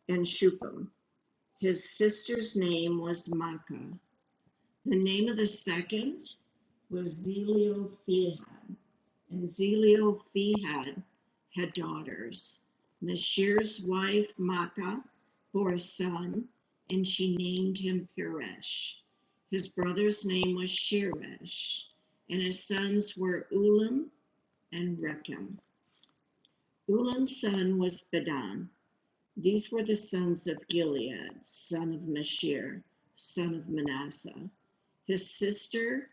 and Shupim. His sister's name was Makkah. The name of the second was Zeliophehad. And Zeliophehad had daughters. Mashir's wife Makkah bore a son, and she named him Peresh. His brother's name was Sheresh, and his sons were Ulam and Rechem. Ulam's son was Bedan. These were the sons of Gilead, son of Mashir, son of Manasseh. His sister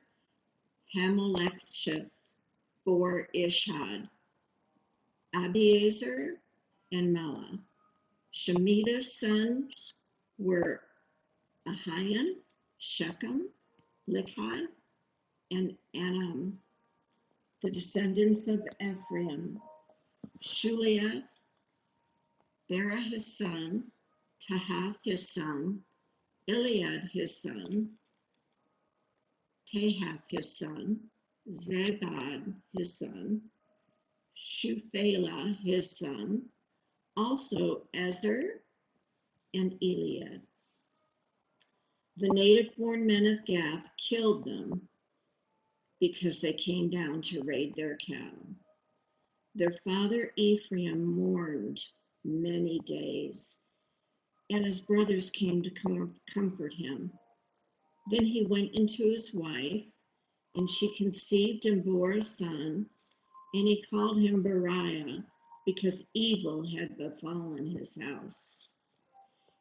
Hamelecheth bore Ishhad, Abiezer, and Mela. Shemitah's sons were Ahian, Shechem, Lichi, and Anam, the descendants of Ephraim. Shuliah, Berah his son, Tahath his son, Eliad his son, Tahath his son, Zabad his son, Shuthalah his son, also Ezer and Eliad. The native born men of Gath killed them because they came down to raid their cattle. Their father Ephraim mourned many days, and his brothers came to com- comfort him. Then he went into his wife, and she conceived and bore a son. And he called him Beriah because evil had befallen his house.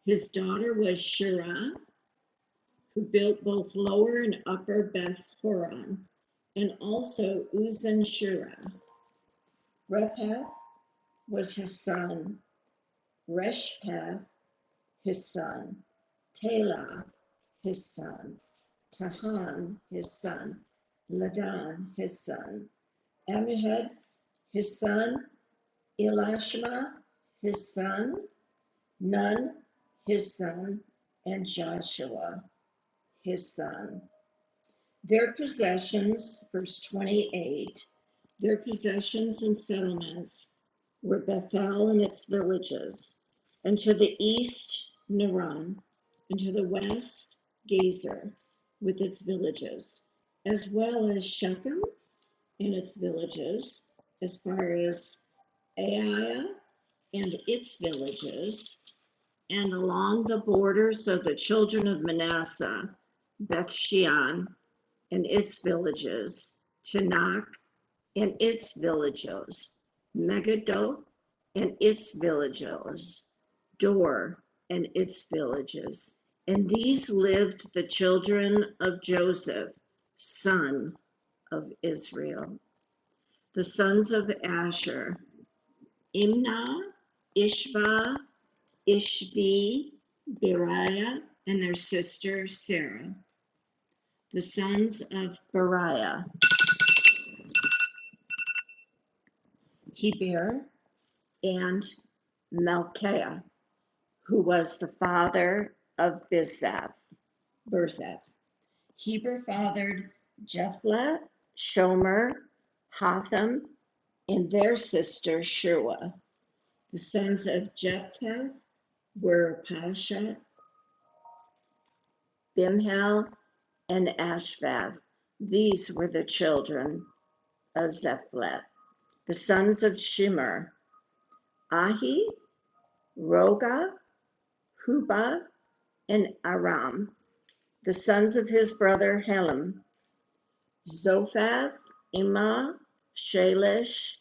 His daughter was Shirah, who built both lower and upper Beth Horon, and also Uzan Shirah. Rephath was his son, Reshpeth his son, Talah his son, Tahan his son, Ladan his son, Amihud his son, Elishama, his son, Nun, his son, and Joshua, his son. Their possessions, verse 28, their possessions and settlements were Bethel and its villages, and to the east, Naran, and to the west, Gezer with its villages, as well as Shechem and its villages, as far as Aiah and its villages, and along the borders of the children of Manasseh, Beth and its villages, Tanakh and its villages, Megiddo and its villages, Dor and its villages. And these lived the children of Joseph, son of Israel. The sons of Asher, Imnah, Ishva, Ishbi, Beriah, and their sister Sarah, the sons of Beriah, Heber, and Melchiah, who was the father of Bizeth. Birzeth. Heber fathered Jephthah, Shomer, Hotham, and their sister Shua. The sons of Jephthah were Pasha, Bimhal, and Ashvath. These were the children of Zephleth, the sons of Shimer, Ahi, Roga, Huba, and Aram, the sons of his brother Helam, Zophath, Imah, Shalish,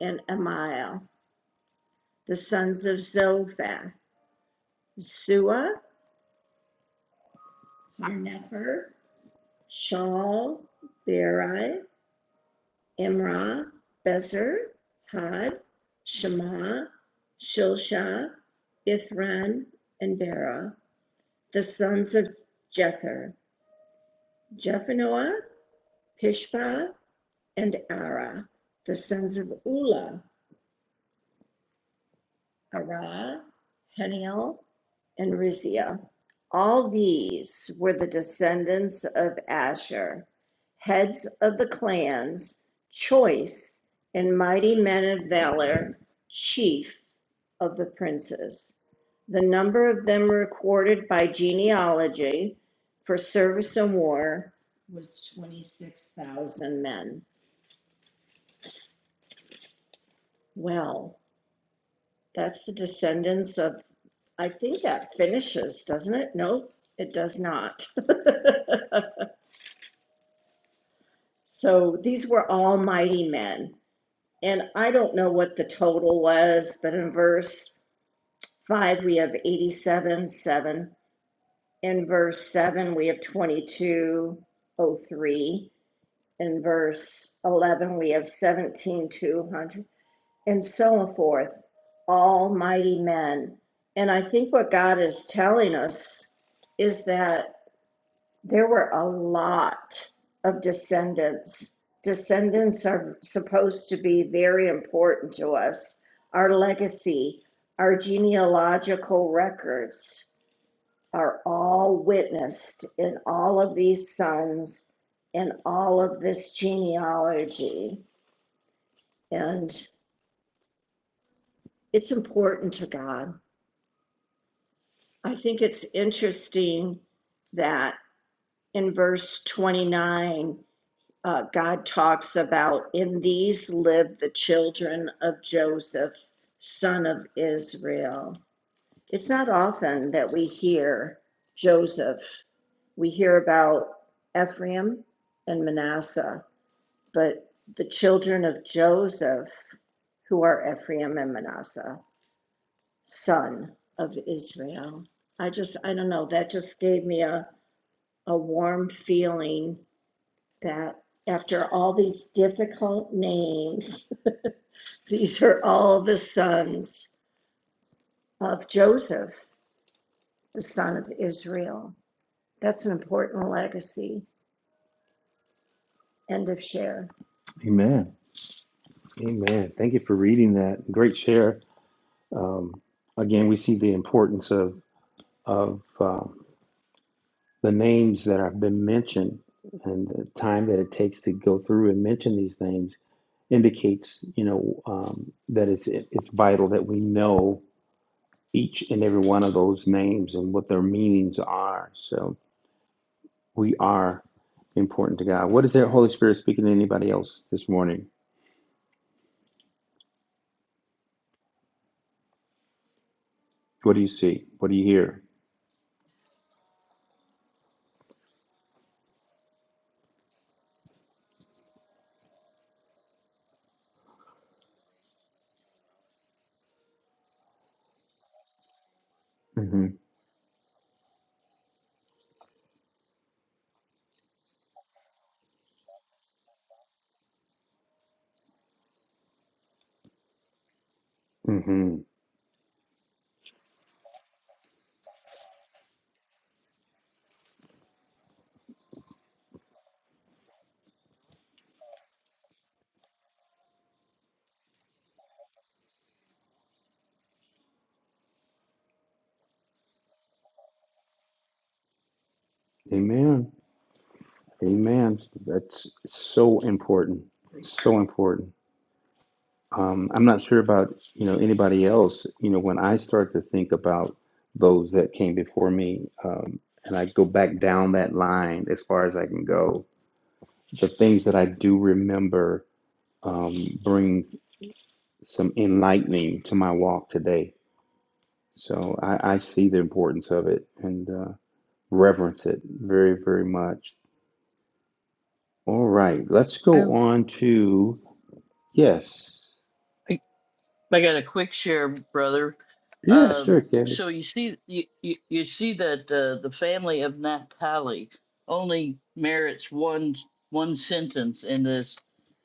and Amiel, the sons of Zophath, Sua, Harnefer, Shaul, Berai, Imrah, Bezer, Had, Shema, Shilsha, Ithran, and Bera, The sons of Jether, Jephanoah, Pishpa, and Ara. The sons of Ula, Ara, Haniel, and Rizia. All these were the descendants of Asher, heads of the clans, choice and mighty men of valor, chief of the princes. The number of them recorded by genealogy for service in war was 26,000 men. Well, that's the descendants of, I think that finishes, doesn't it? Nope, it does not. So these were all mighty men. And I don't know what the total was, but in verse 5, we have 87, 7. In verse 7, we have 22 o three. In verse 11, we have 17 200, and so forth. All mighty men. And I think what God is telling us is that There were a lot of descendants. Descendants are supposed to be very important to us. Our legacy, our genealogical records are all witnessed in all of these sons and all of this genealogy. And it's important to God. I think it's interesting that in verse 29, uh, God talks about, in these live the children of Joseph, son of Israel. It's not often that we hear Joseph. We hear about Ephraim and Manasseh, but the children of Joseph, who are Ephraim and Manasseh, son of Israel. I just, I don't know, that just gave me a, a warm feeling that after all these difficult names, these are all the sons of Joseph, the son of Israel. That's an important legacy. End of share. Amen. Amen. Thank you for reading that. Great share. Um, again, we see the importance of of um, the names that have been mentioned and the time that it takes to go through and mention these names indicates, you know, um, that it's it, it's vital that we know each and every one of those names and what their meanings are. So we are important to God. What is the Holy Spirit speaking to anybody else this morning? What do you see? What do you hear? hmm hmm Amen. Amen. That's so important. So important. Um, I'm not sure about you know anybody else. You know, when I start to think about those that came before me, um, and I go back down that line as far as I can go, the things that I do remember um, brings some enlightening to my walk today. So I, I see the importance of it and uh, reverence it very, very much. All right, let's
I
go on to yes,
I got a quick share, brother.
yeah,
Um,
sure, Kay.
so you see, you, you, you see that uh, the family of Naphtali only merits one one sentence in this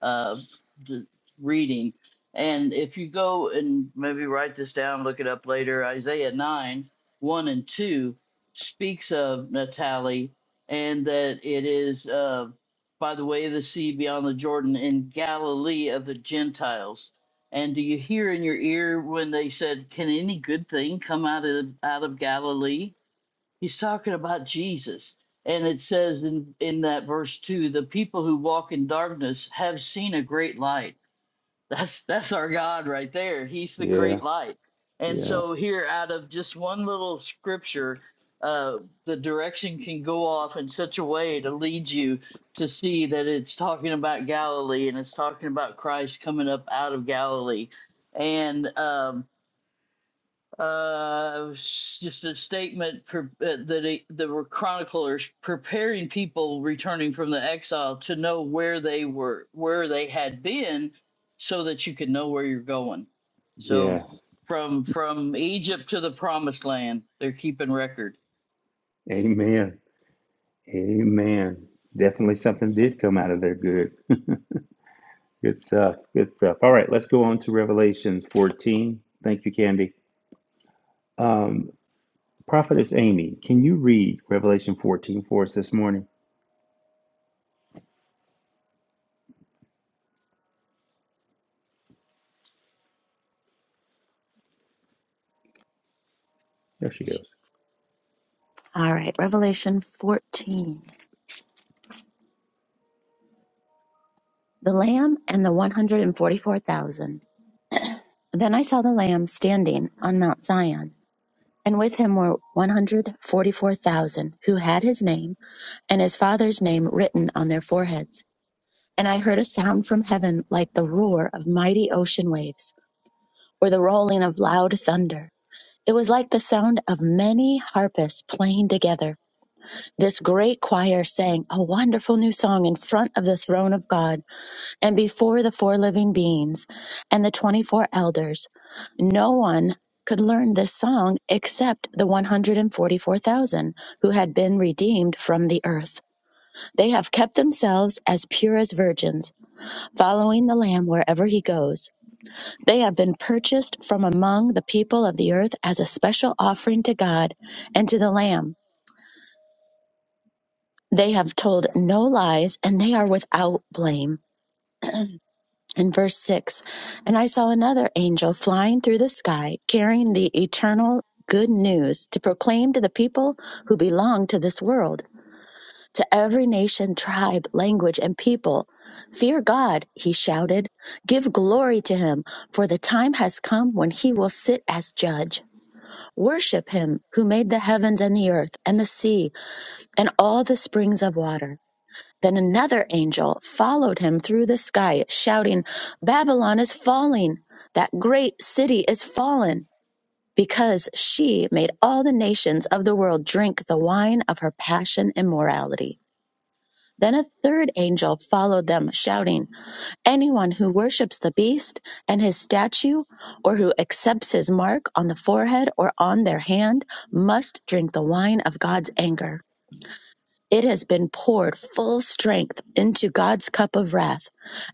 uh, d- reading, and if you go and maybe write this down, look it up later. Isaiah nine one and two speaks of Naphtali, and that it is uh, by the way of the sea beyond the Jordan in Galilee of the Gentiles. And do you hear in your ear when they said, "Can any good thing come out of out of Galilee?" He's talking about Jesus. And it says in in that verse 2, "The people who walk in darkness have seen a great light." That's that's our God right there. He's the
Yeah,
great light. And
yeah,
so here out of just one little scripture, uh the direction can go off in such a way to lead you to see that it's talking about Galilee and it's talking about Christ coming up out of Galilee. And um uh, s- just a statement per, uh, that he, the chroniclers preparing people returning from the exile to know where they were, where they had been, so that you could know where you're going. So
yeah.
from from Egypt to the Promised Land, they're keeping record.
Amen, amen. Definitely something did come out of there. Good, good stuff, good stuff. All right, let's go on to Revelations 14. Thank you, Candy. Um, Prophetess Amy, can you read Revelation 14 for us this morning? There she goes.
All right, Revelation 14. The Lamb and the 144,000. Then I saw the Lamb standing on Mount Zion, and with him were 144,000 who had his name and his father's name written on their foreheads. And I heard a sound from heaven like the roar of mighty ocean waves or the rolling of loud thunder It was like the sound of many harpists playing together. This great choir sang a wonderful new song in front of the throne of God and before the four living beings and the 24 elders. No one could learn this song except the 144,000 who had been redeemed from the earth. They have kept themselves as pure as virgins, following the Lamb wherever he goes. They have been purchased from among the people of the earth as a special offering to God and to the Lamb. They have told no lies and they are without blame. In verse 6, and I saw another angel flying through the sky carrying the eternal good news to proclaim to the people who belong to this world, to every nation, tribe, language, and people. Fear God, he shouted. Give glory to him, for the time has come when he will sit as judge. Worship him who made the heavens and the earth and the sea and all the springs of water. Then another angel followed him through the sky, shouting, Babylon is falling! That great city is fallen! Because she made all the nations of the world drink the wine of her passion and morality. Then a third angel followed them, shouting, Anyone who worships the beast and his statue, or who accepts his mark on the forehead or on their hand, must drink the wine of God's anger. It has been poured full strength into God's cup of wrath,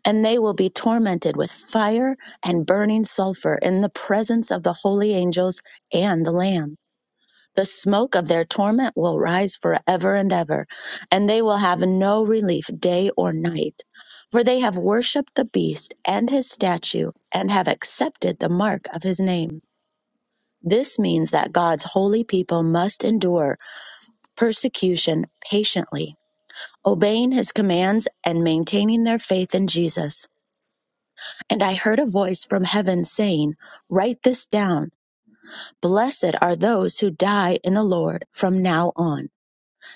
and they will be tormented with fire and burning sulfur in the presence of the holy angels and the Lamb. The smoke of their torment will rise forever and ever, and they will have no relief day or night. For they have worshipped the beast and his statue, and have accepted the mark of his name. This means that God's holy people must endure persecution patiently, obeying his commands and maintaining their faith in Jesus. And I heard a voice from heaven saying, Write this down. Blessed are those who die in the Lord from now on.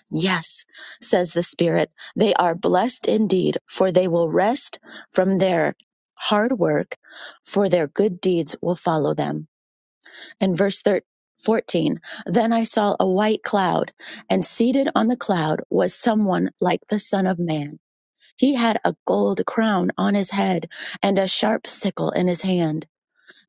Yes, says the Spirit, they are blessed indeed, for they will rest from their hard work, for their good deeds will follow them. And verse thir 14 Then I saw a white cloud, and seated on the cloud was someone like the Son of Man. He had a gold crown on his head and a sharp sickle in his hand.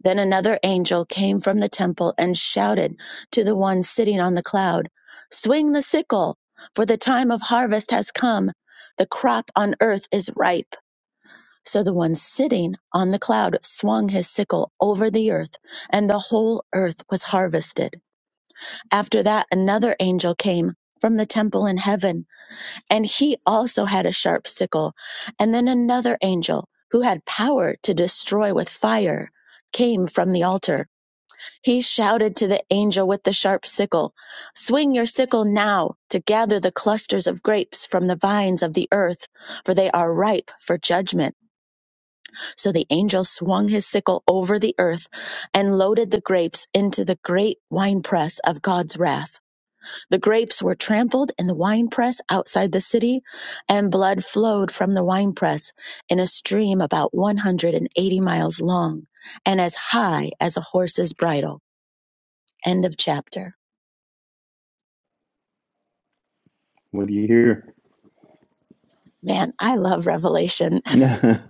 Then another angel came from the temple and shouted to the one sitting on the cloud, Swing the sickle, for the time of harvest has come. The crop on earth is ripe. So the one sitting on the cloud swung his sickle over the earth, and the whole earth was harvested. After that, another angel came from the temple in heaven, and he also had a sharp sickle. And then another angel, who had power to destroy with fire, came from the altar. He shouted to the angel with the sharp sickle, Swing your sickle now to gather the clusters of grapes from the vines of the earth, for they are ripe for judgment. So the angel swung his sickle over the earth and loaded the grapes into the great winepress of God's wrath. The grapes were trampled in the winepress outside the city, and blood flowed from the winepress in a stream about 180 miles long and as high as a horse's bridle. End of chapter.
What do you hear?
Man, I love Revelation.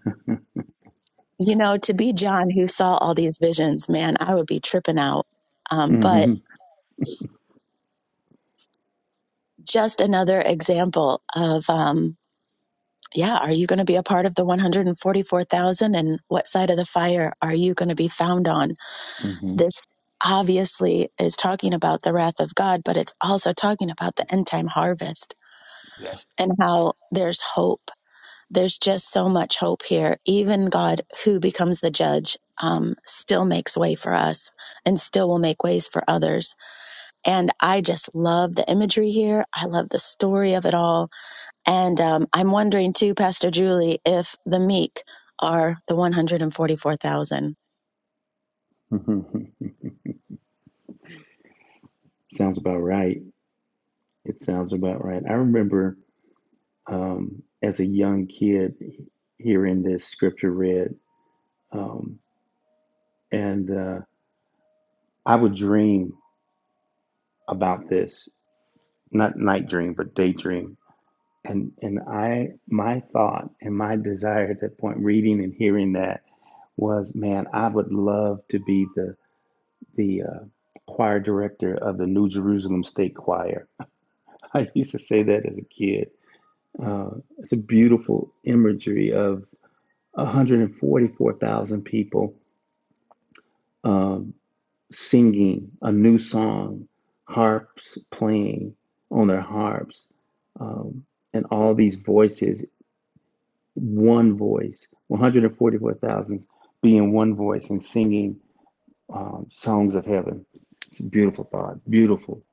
You know, to be John who saw all these visions, man, I would be tripping out. Um, but
hmm
just another example of, um, yeah, are you going to be a part of the 144,000 and what side of the fire are you going to be found on?
hmm
This obviously is talking about the wrath of God, but it's also talking about the end time harvest
Yeah.
and how there's hope there's just so much hope here. Even God, who becomes the judge, um, still makes way for us and still will make ways for others. And I just love the imagery here. I love the story of it all. And um, I'm wondering too, Pastor Julie, if the meek are the 144,000.
Mhm. Sounds about right. It sounds about right. I remember um, as a young kid hearing this scripture read, um, and uh, I would dream about this, not night dream, but daydream And and I my thought and my desire at that point, reading and hearing that, was man, I would love to be the the uh, choir director of the New Jerusalem State Choir. I used to say that as a kid. Uh, it's a beautiful imagery of 144,000 people um, singing a new song, harps playing on their harps, um, and all these voices one voice, 144,000 being one voice and singing um, songs of heaven. It's a beautiful thought. Beautiful.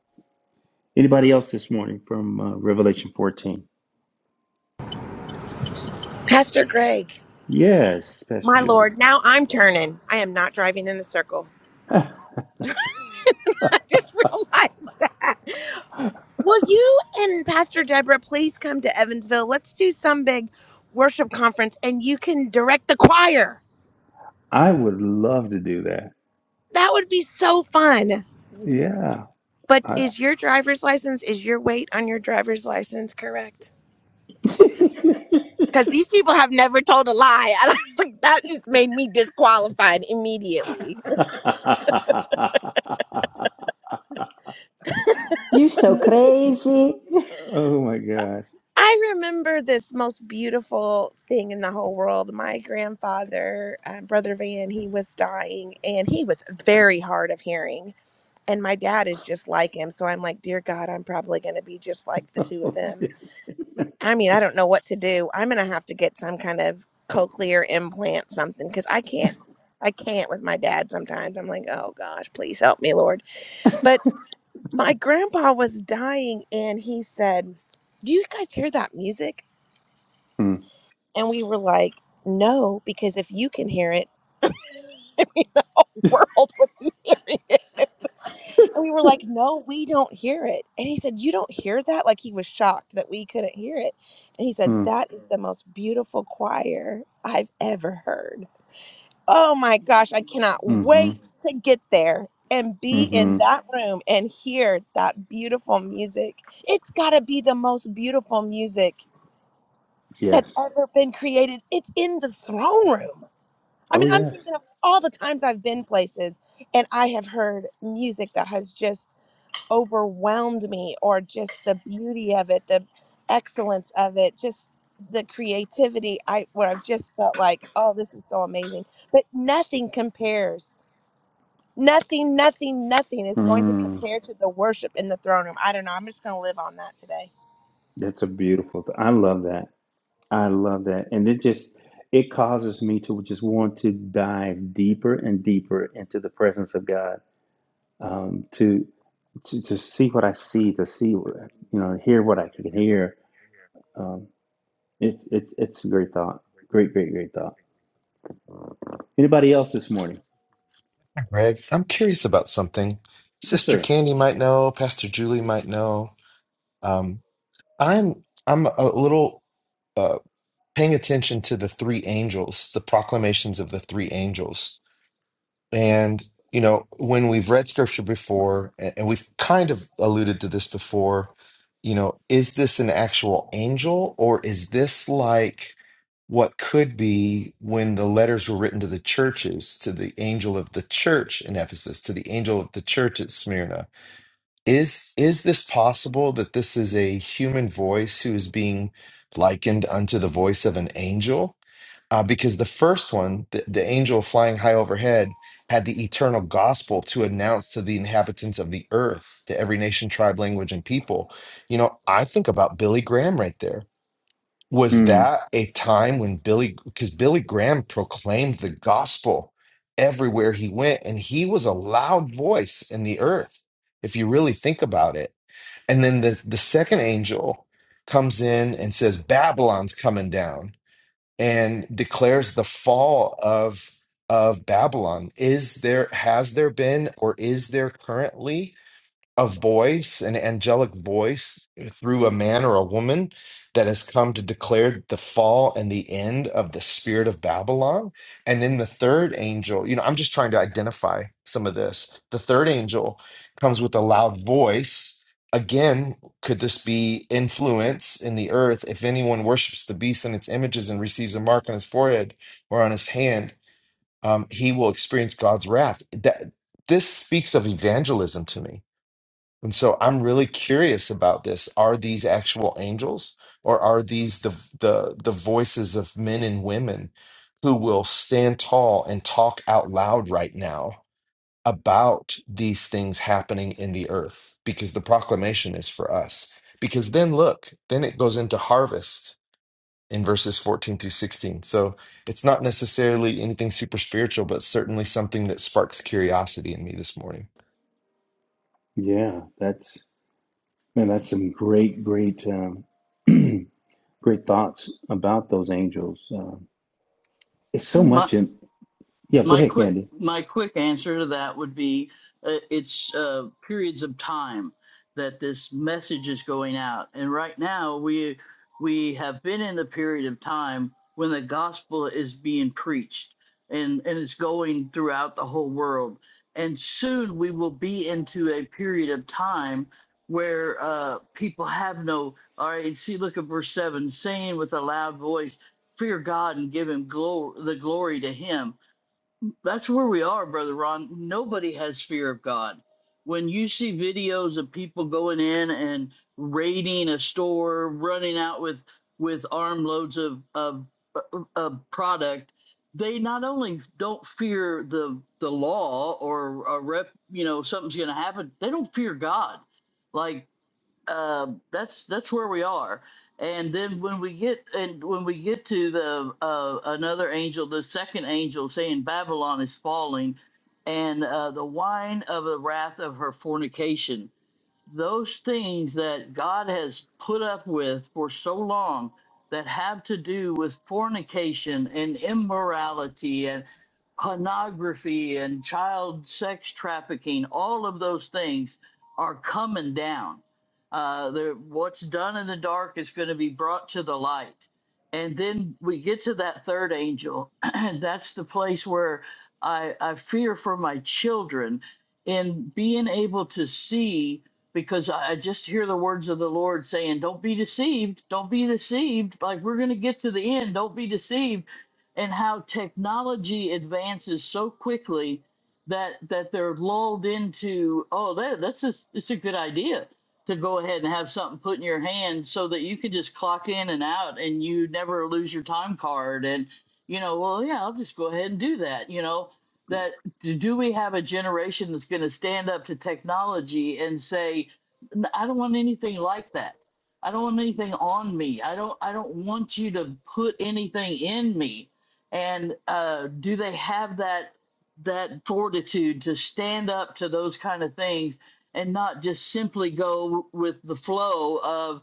Anybody else this morning from uh, Revelation 14?
Pastor Greg,
Yes, Pastor
my
Julie.
Lord, now I'm turning. I am not driving in a circle. I just realized that. Will you and Pastor Deborah please come to Evansville? Let's do some big worship conference and you can direct the choir.
I would love to do that.
That would be so fun.
Yeah.
But
I...
is your driver's license, is your weight on your driver's license correct? Because these people have never told a lie. And I'm like, that just made me disqualified immediately.
You
You're
so
so crazy.
crazy!
oh my gosh.
I remember this most beautiful thing in the whole world. My grandfather, uh, Brother Van, he was dying and he was very hard of hearing and my dad is just like him so i'm like dear god i'm probably going to be just like the two of them i mean i don't know what to do i'm going to have to get some kind of cochlear implant something because i can't i can't with my dad sometimes i'm like oh gosh please help me lord but my grandpa was dying and he said do you guys hear that music
Mm,
and we were like no because if you can hear it the whole world would be hearing it And we were like, no, we don't hear it. And he said, you don't hear that? Like he was shocked that we couldn't hear it. And he said,
mm,
that is the most beautiful choir I've ever heard. Oh my gosh, I cannot
mm-hmm,
wait to get there and be in
mm-hmm.
that room and hear that beautiful music. It's got to be the most beautiful music that's
Yes.
ever been created. It's in the throne room. I
Oh,
mean, I'm
yes.
thinking of all the times I've been places and I have heard music that has just overwhelmed me or just the beauty of it the excellence of it just the creativity i where i've just felt like oh this is so amazing but nothing compares nothing nothing nothing is going to
Mm,
compare to the worship in the throne room i don't know i'm just going to live on that today
that's a beautiful th- I love that. I love that. And it just it causes me to just want to dive deeper and deeper into the presence of God. Um, to, to to see what I see, to see what you know, hear what I can hear. Um, it's it's it's a great thought. Great, great, great thought. Anybody else this morning?
Greg, I'm curious about something.
Yes,
Sister
sir.
Candy might know. Pastor Julie might know. Um, I'm I'm a little uh, paying attention to the three angels, the proclamations of the three angels And, you know, when we've read scripture before, a- and we've kind of alluded to this before, you know, is this an actual angel or is this like what could be when the letters were written to the churches, to the angel of the church in Ephesus, to the angel of the church at Smyrna? Is is this possible that this is a human voice who is being likened unto the voice of an angel? uh, because the first one, the, the angel flying high overhead, had the eternal gospel to announce to the inhabitants of the earth, to every nation, tribe, language, and people. You know, I think about Billy Graham right there. Was
Hmm.
that a time when Billy, because Billy Graham proclaimed the gospel everywhere he went, and he was a loud voice in the earth, if you really think about it. And then the, the second angel comes in and says, Babylon's coming down and declares the fall of of Babylon. Is there has there been or is there currently a voice, an angelic voice through a man or a woman that has come to declare the fall and the end of the spirit of Babylon. And then the third angel, you know, I'm just trying to identify some of this. The third angel comes with a loud voice. Again, could this be influence in the earth if anyone worships the beast and its images and receives a mark on his forehead or on his hand? Um, he will experience God's wrath. That this speaks of evangelism to me and so I'm really curious about this. Are these actual angels or are these the the the voices of men and women who will stand tall and talk out loud right now about these things happening in the earth because the proclamation is for us. Because then look, then it goes into harvest in verses 14 through 16. So it's not necessarily anything super spiritual, but certainly something that sparks curiosity in me this morning.
Yeah, that's man, that's some great, great um, great thoughts about those angels. Um, it's so
My
much in yeah, go
My
ahead,
quick
Candy.
my quick answer to that would be uh, it's uh, periods of time that this message is going out, and right now we we have been in the period of time when the gospel is being preached and and it's going throughout the whole world, and soon we will be into a period of time where uh, people have no all right. See, look at verse seven, saying with a loud voice, "Fear God and give Him glory, the glory to Him." That's where we are, Brother Ron. Nobody has fear of God. When you see videos of people going in and raiding a store, running out with with armloads of of, uh, of product, they not only don't fear the the law or a rep, you know, something's going to happen. They don't fear God. like uh, that's that's where we are. And then when we get and when we get to the uh, another angel, the second angel saying Babylon is falling, and uh, the wine of the wrath of her fornication those things that God has put up with for so long that have to do with fornication and immorality and pornography and child sex trafficking, all of those things are coming down. Uh, the, what's done in the dark is going to be brought to the light. And then we get to that third angel, and that's the place where I, I fear for my children in being able to see because I I just hear the words of the Lord saying, Don't be deceived. Don't be deceived. Like, we're going to get to the end. Don't be deceived. And how technology advances so quickly that that they're lulled into, oh, that, that's a, it's a good idea to go ahead and have something put in your hand so that you can just clock in and out and you never lose your time card. And, you know, well, yeah, I'll just go ahead and do that, you know that do we have a generation that's going to stand up to technology and say i don't want anything like that i don't want anything on me i don't i don't want you to put anything in me and uh, do they have that that fortitude to stand up to those kind of things and not just simply go with the flow of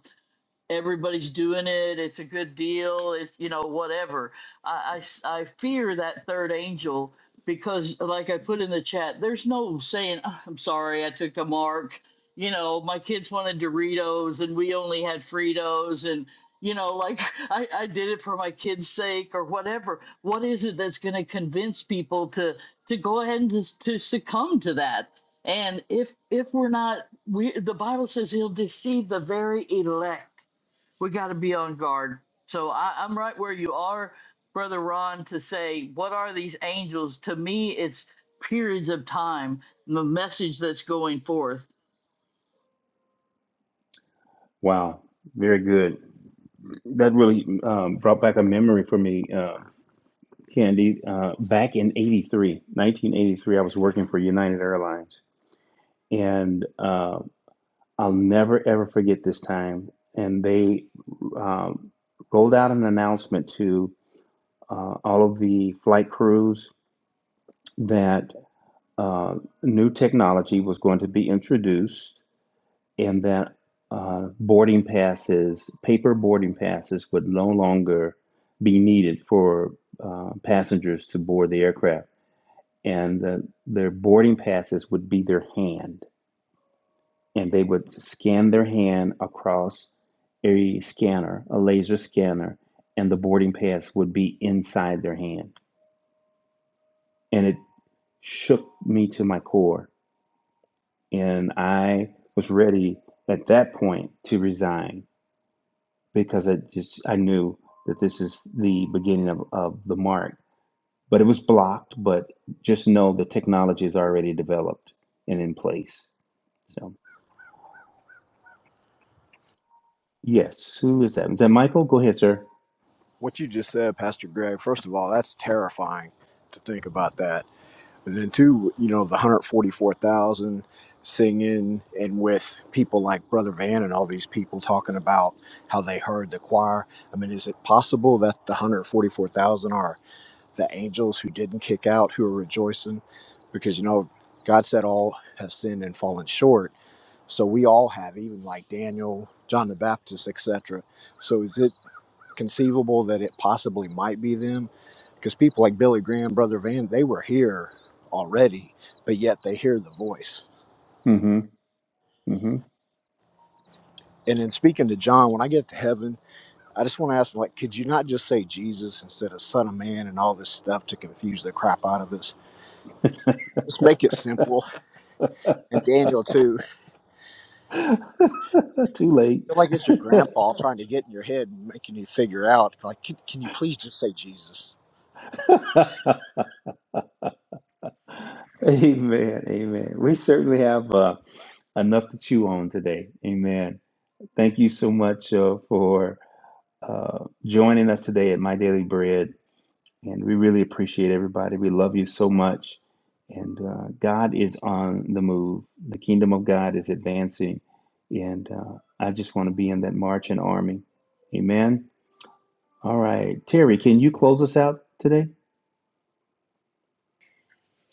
everybody's doing it it's a good deal it's you know whatever I I I fear that third angel because like i put in the chat there's no saying "Ah, i'm sorry i took the mark you know my kids wanted doritos and we only had fritos and you know like i, I did it for my kids sake or whatever what is it that's going to convince people to to go ahead and to, to succumb to that and if if we're not we the bible says he'll deceive the very elect we got to be on guard. So I, I'm right where you are, Brother Ron, to say, what are these angels? To me, it's periods of time, the message that's going forth.
Wow, very good. That really um, brought back a memory for me, uh, Candy. Uh, back in 83, 1983, I was working for United Airlines, and uh, I'll never ever forget this time. And they um, rolled out an announcement to uh, all of the flight crews that uh, new technology was going to be introduced and that uh, boarding passes, paper boarding passes, would no longer be needed for uh, passengers to board the aircraft, and that their boarding passes would be their hand, and they would scan their hand across a scanner, a laser scanner, and the boarding pass would be inside their hand, and it shook me to my core, and I was ready at that point to resign because I just I knew that this is the beginning of, of the mark. But it was blocked, but just know the technology is already developed and in place. So yes, who is that? Is that Michael? Go ahead, sir.
What you just said, Pastor Greg, first of all, that's terrifying to think about that. And then too, you know, the 144,000 singing and with people like Brother Van and all these people talking about how they heard the choir. I mean, is it possible that the 144,000 are the angels who didn't kick out, who are rejoicing? Because, you know, God said all have sinned and fallen short. So we all have, even like Daniel, John the Baptist, etc. So is it? conceivable that it possibly might be them because people like Billy Graham, Brother Van, they were here already, but yet they hear the voice.
Mm-hmm.
And then speaking to John, when I get to heaven, I just want to ask, like, could you not just say Jesus instead of Son of Man and all this stuff to confuse the crap out of us? Just make it simple. And Daniel, too,
Mm-hmm. Too late.
I feel like it's your grandpa trying to get in your head and making you figure out, like, can, can you please just say Jesus?
amen. Amen. We certainly have uh, enough to chew on today. Amen. Thank you so much uh, for uh, joining us today at My Daily Bread. And we really appreciate everybody. We love you so much. And uh, God is on the move. The kingdom of God is advancing. And uh, I just want to be in that marching army. Amen. All right. Terry, can you close us out today?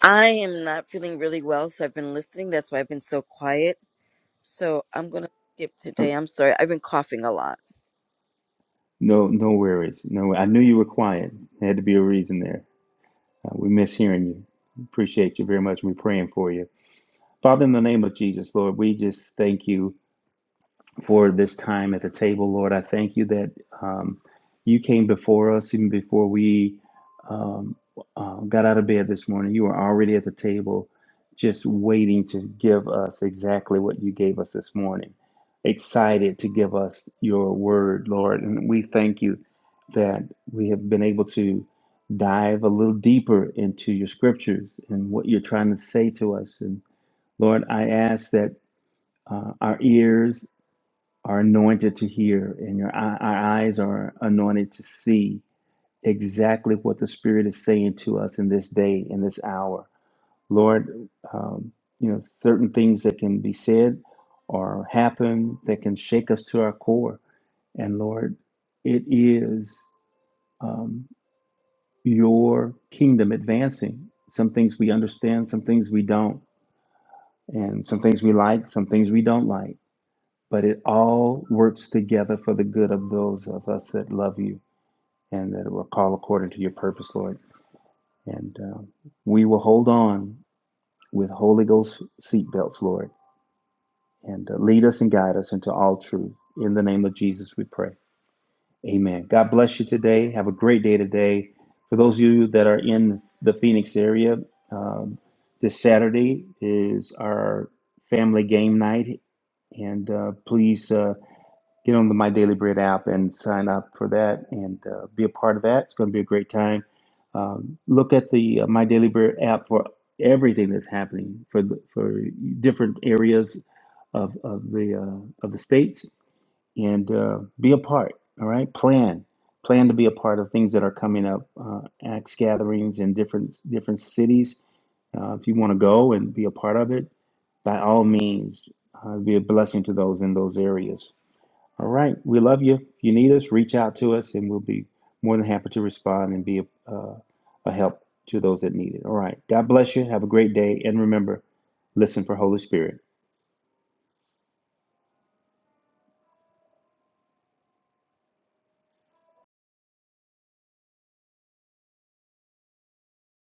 I am not feeling really well, so I've been listening. That's why I've been so quiet. So I'm going to skip
Oh,
today. I'm sorry. I've been coughing a lot.
no, no worries. No, I knew you were quiet. There had to be a reason there. Uh, we miss hearing you. Appreciate you very much. We're praying for you. Father, in the name of Jesus, Lord, we just thank you. for this time at the table, Lord. I thank you that um, you came before us, even before we um, uh, got out of bed this morning. You were already at the table, just waiting to give us exactly what you gave us this morning, excited to give us your word, Lord. And we thank you that we have been able to dive a little deeper into your scriptures and what you're trying to say to us. And Lord, I ask that uh, our ears are anointed to hear, and your eye- our eyes are anointed to see exactly what the Spirit is saying to us in this day, in this hour. Lord, um, you know, certain things that can be said or happen that can shake us to our core. And Lord, it is um, your kingdom advancing. Some things we understand, some things we don't, and some things we like, some things we don't like but it all works together for the good of those of us that love you and that will call according to your purpose, Lord. And uh, we will hold on with Holy Ghost seatbelts, Lord, and uh, lead us and guide us into all truth. In the name of Jesus, we pray. Amen. God bless you today. Have a great day today. For those of you that are in the Phoenix area, um, this Saturday is our family game night, and uh, please. Uh, get on the My Daily Bread app and sign up for that and uh, be a part of that. It's going to be a great time. Um, look at the uh, My Daily Bread app for everything that's happening for the, for different areas of of the uh, of the states and uh, be a part. All right, plan plan to be a part of things that are coming up, uh, acts gatherings in different different cities. Uh, if you want to go and be a part of it, by all means, uh, be a blessing to those in those areas all right. We love you. If you need us, reach out to us and we'll be more than happy to respond and be a, uh, a help to those that need it. All right. God bless you. Have a great day. And remember, listen for Holy Spirit.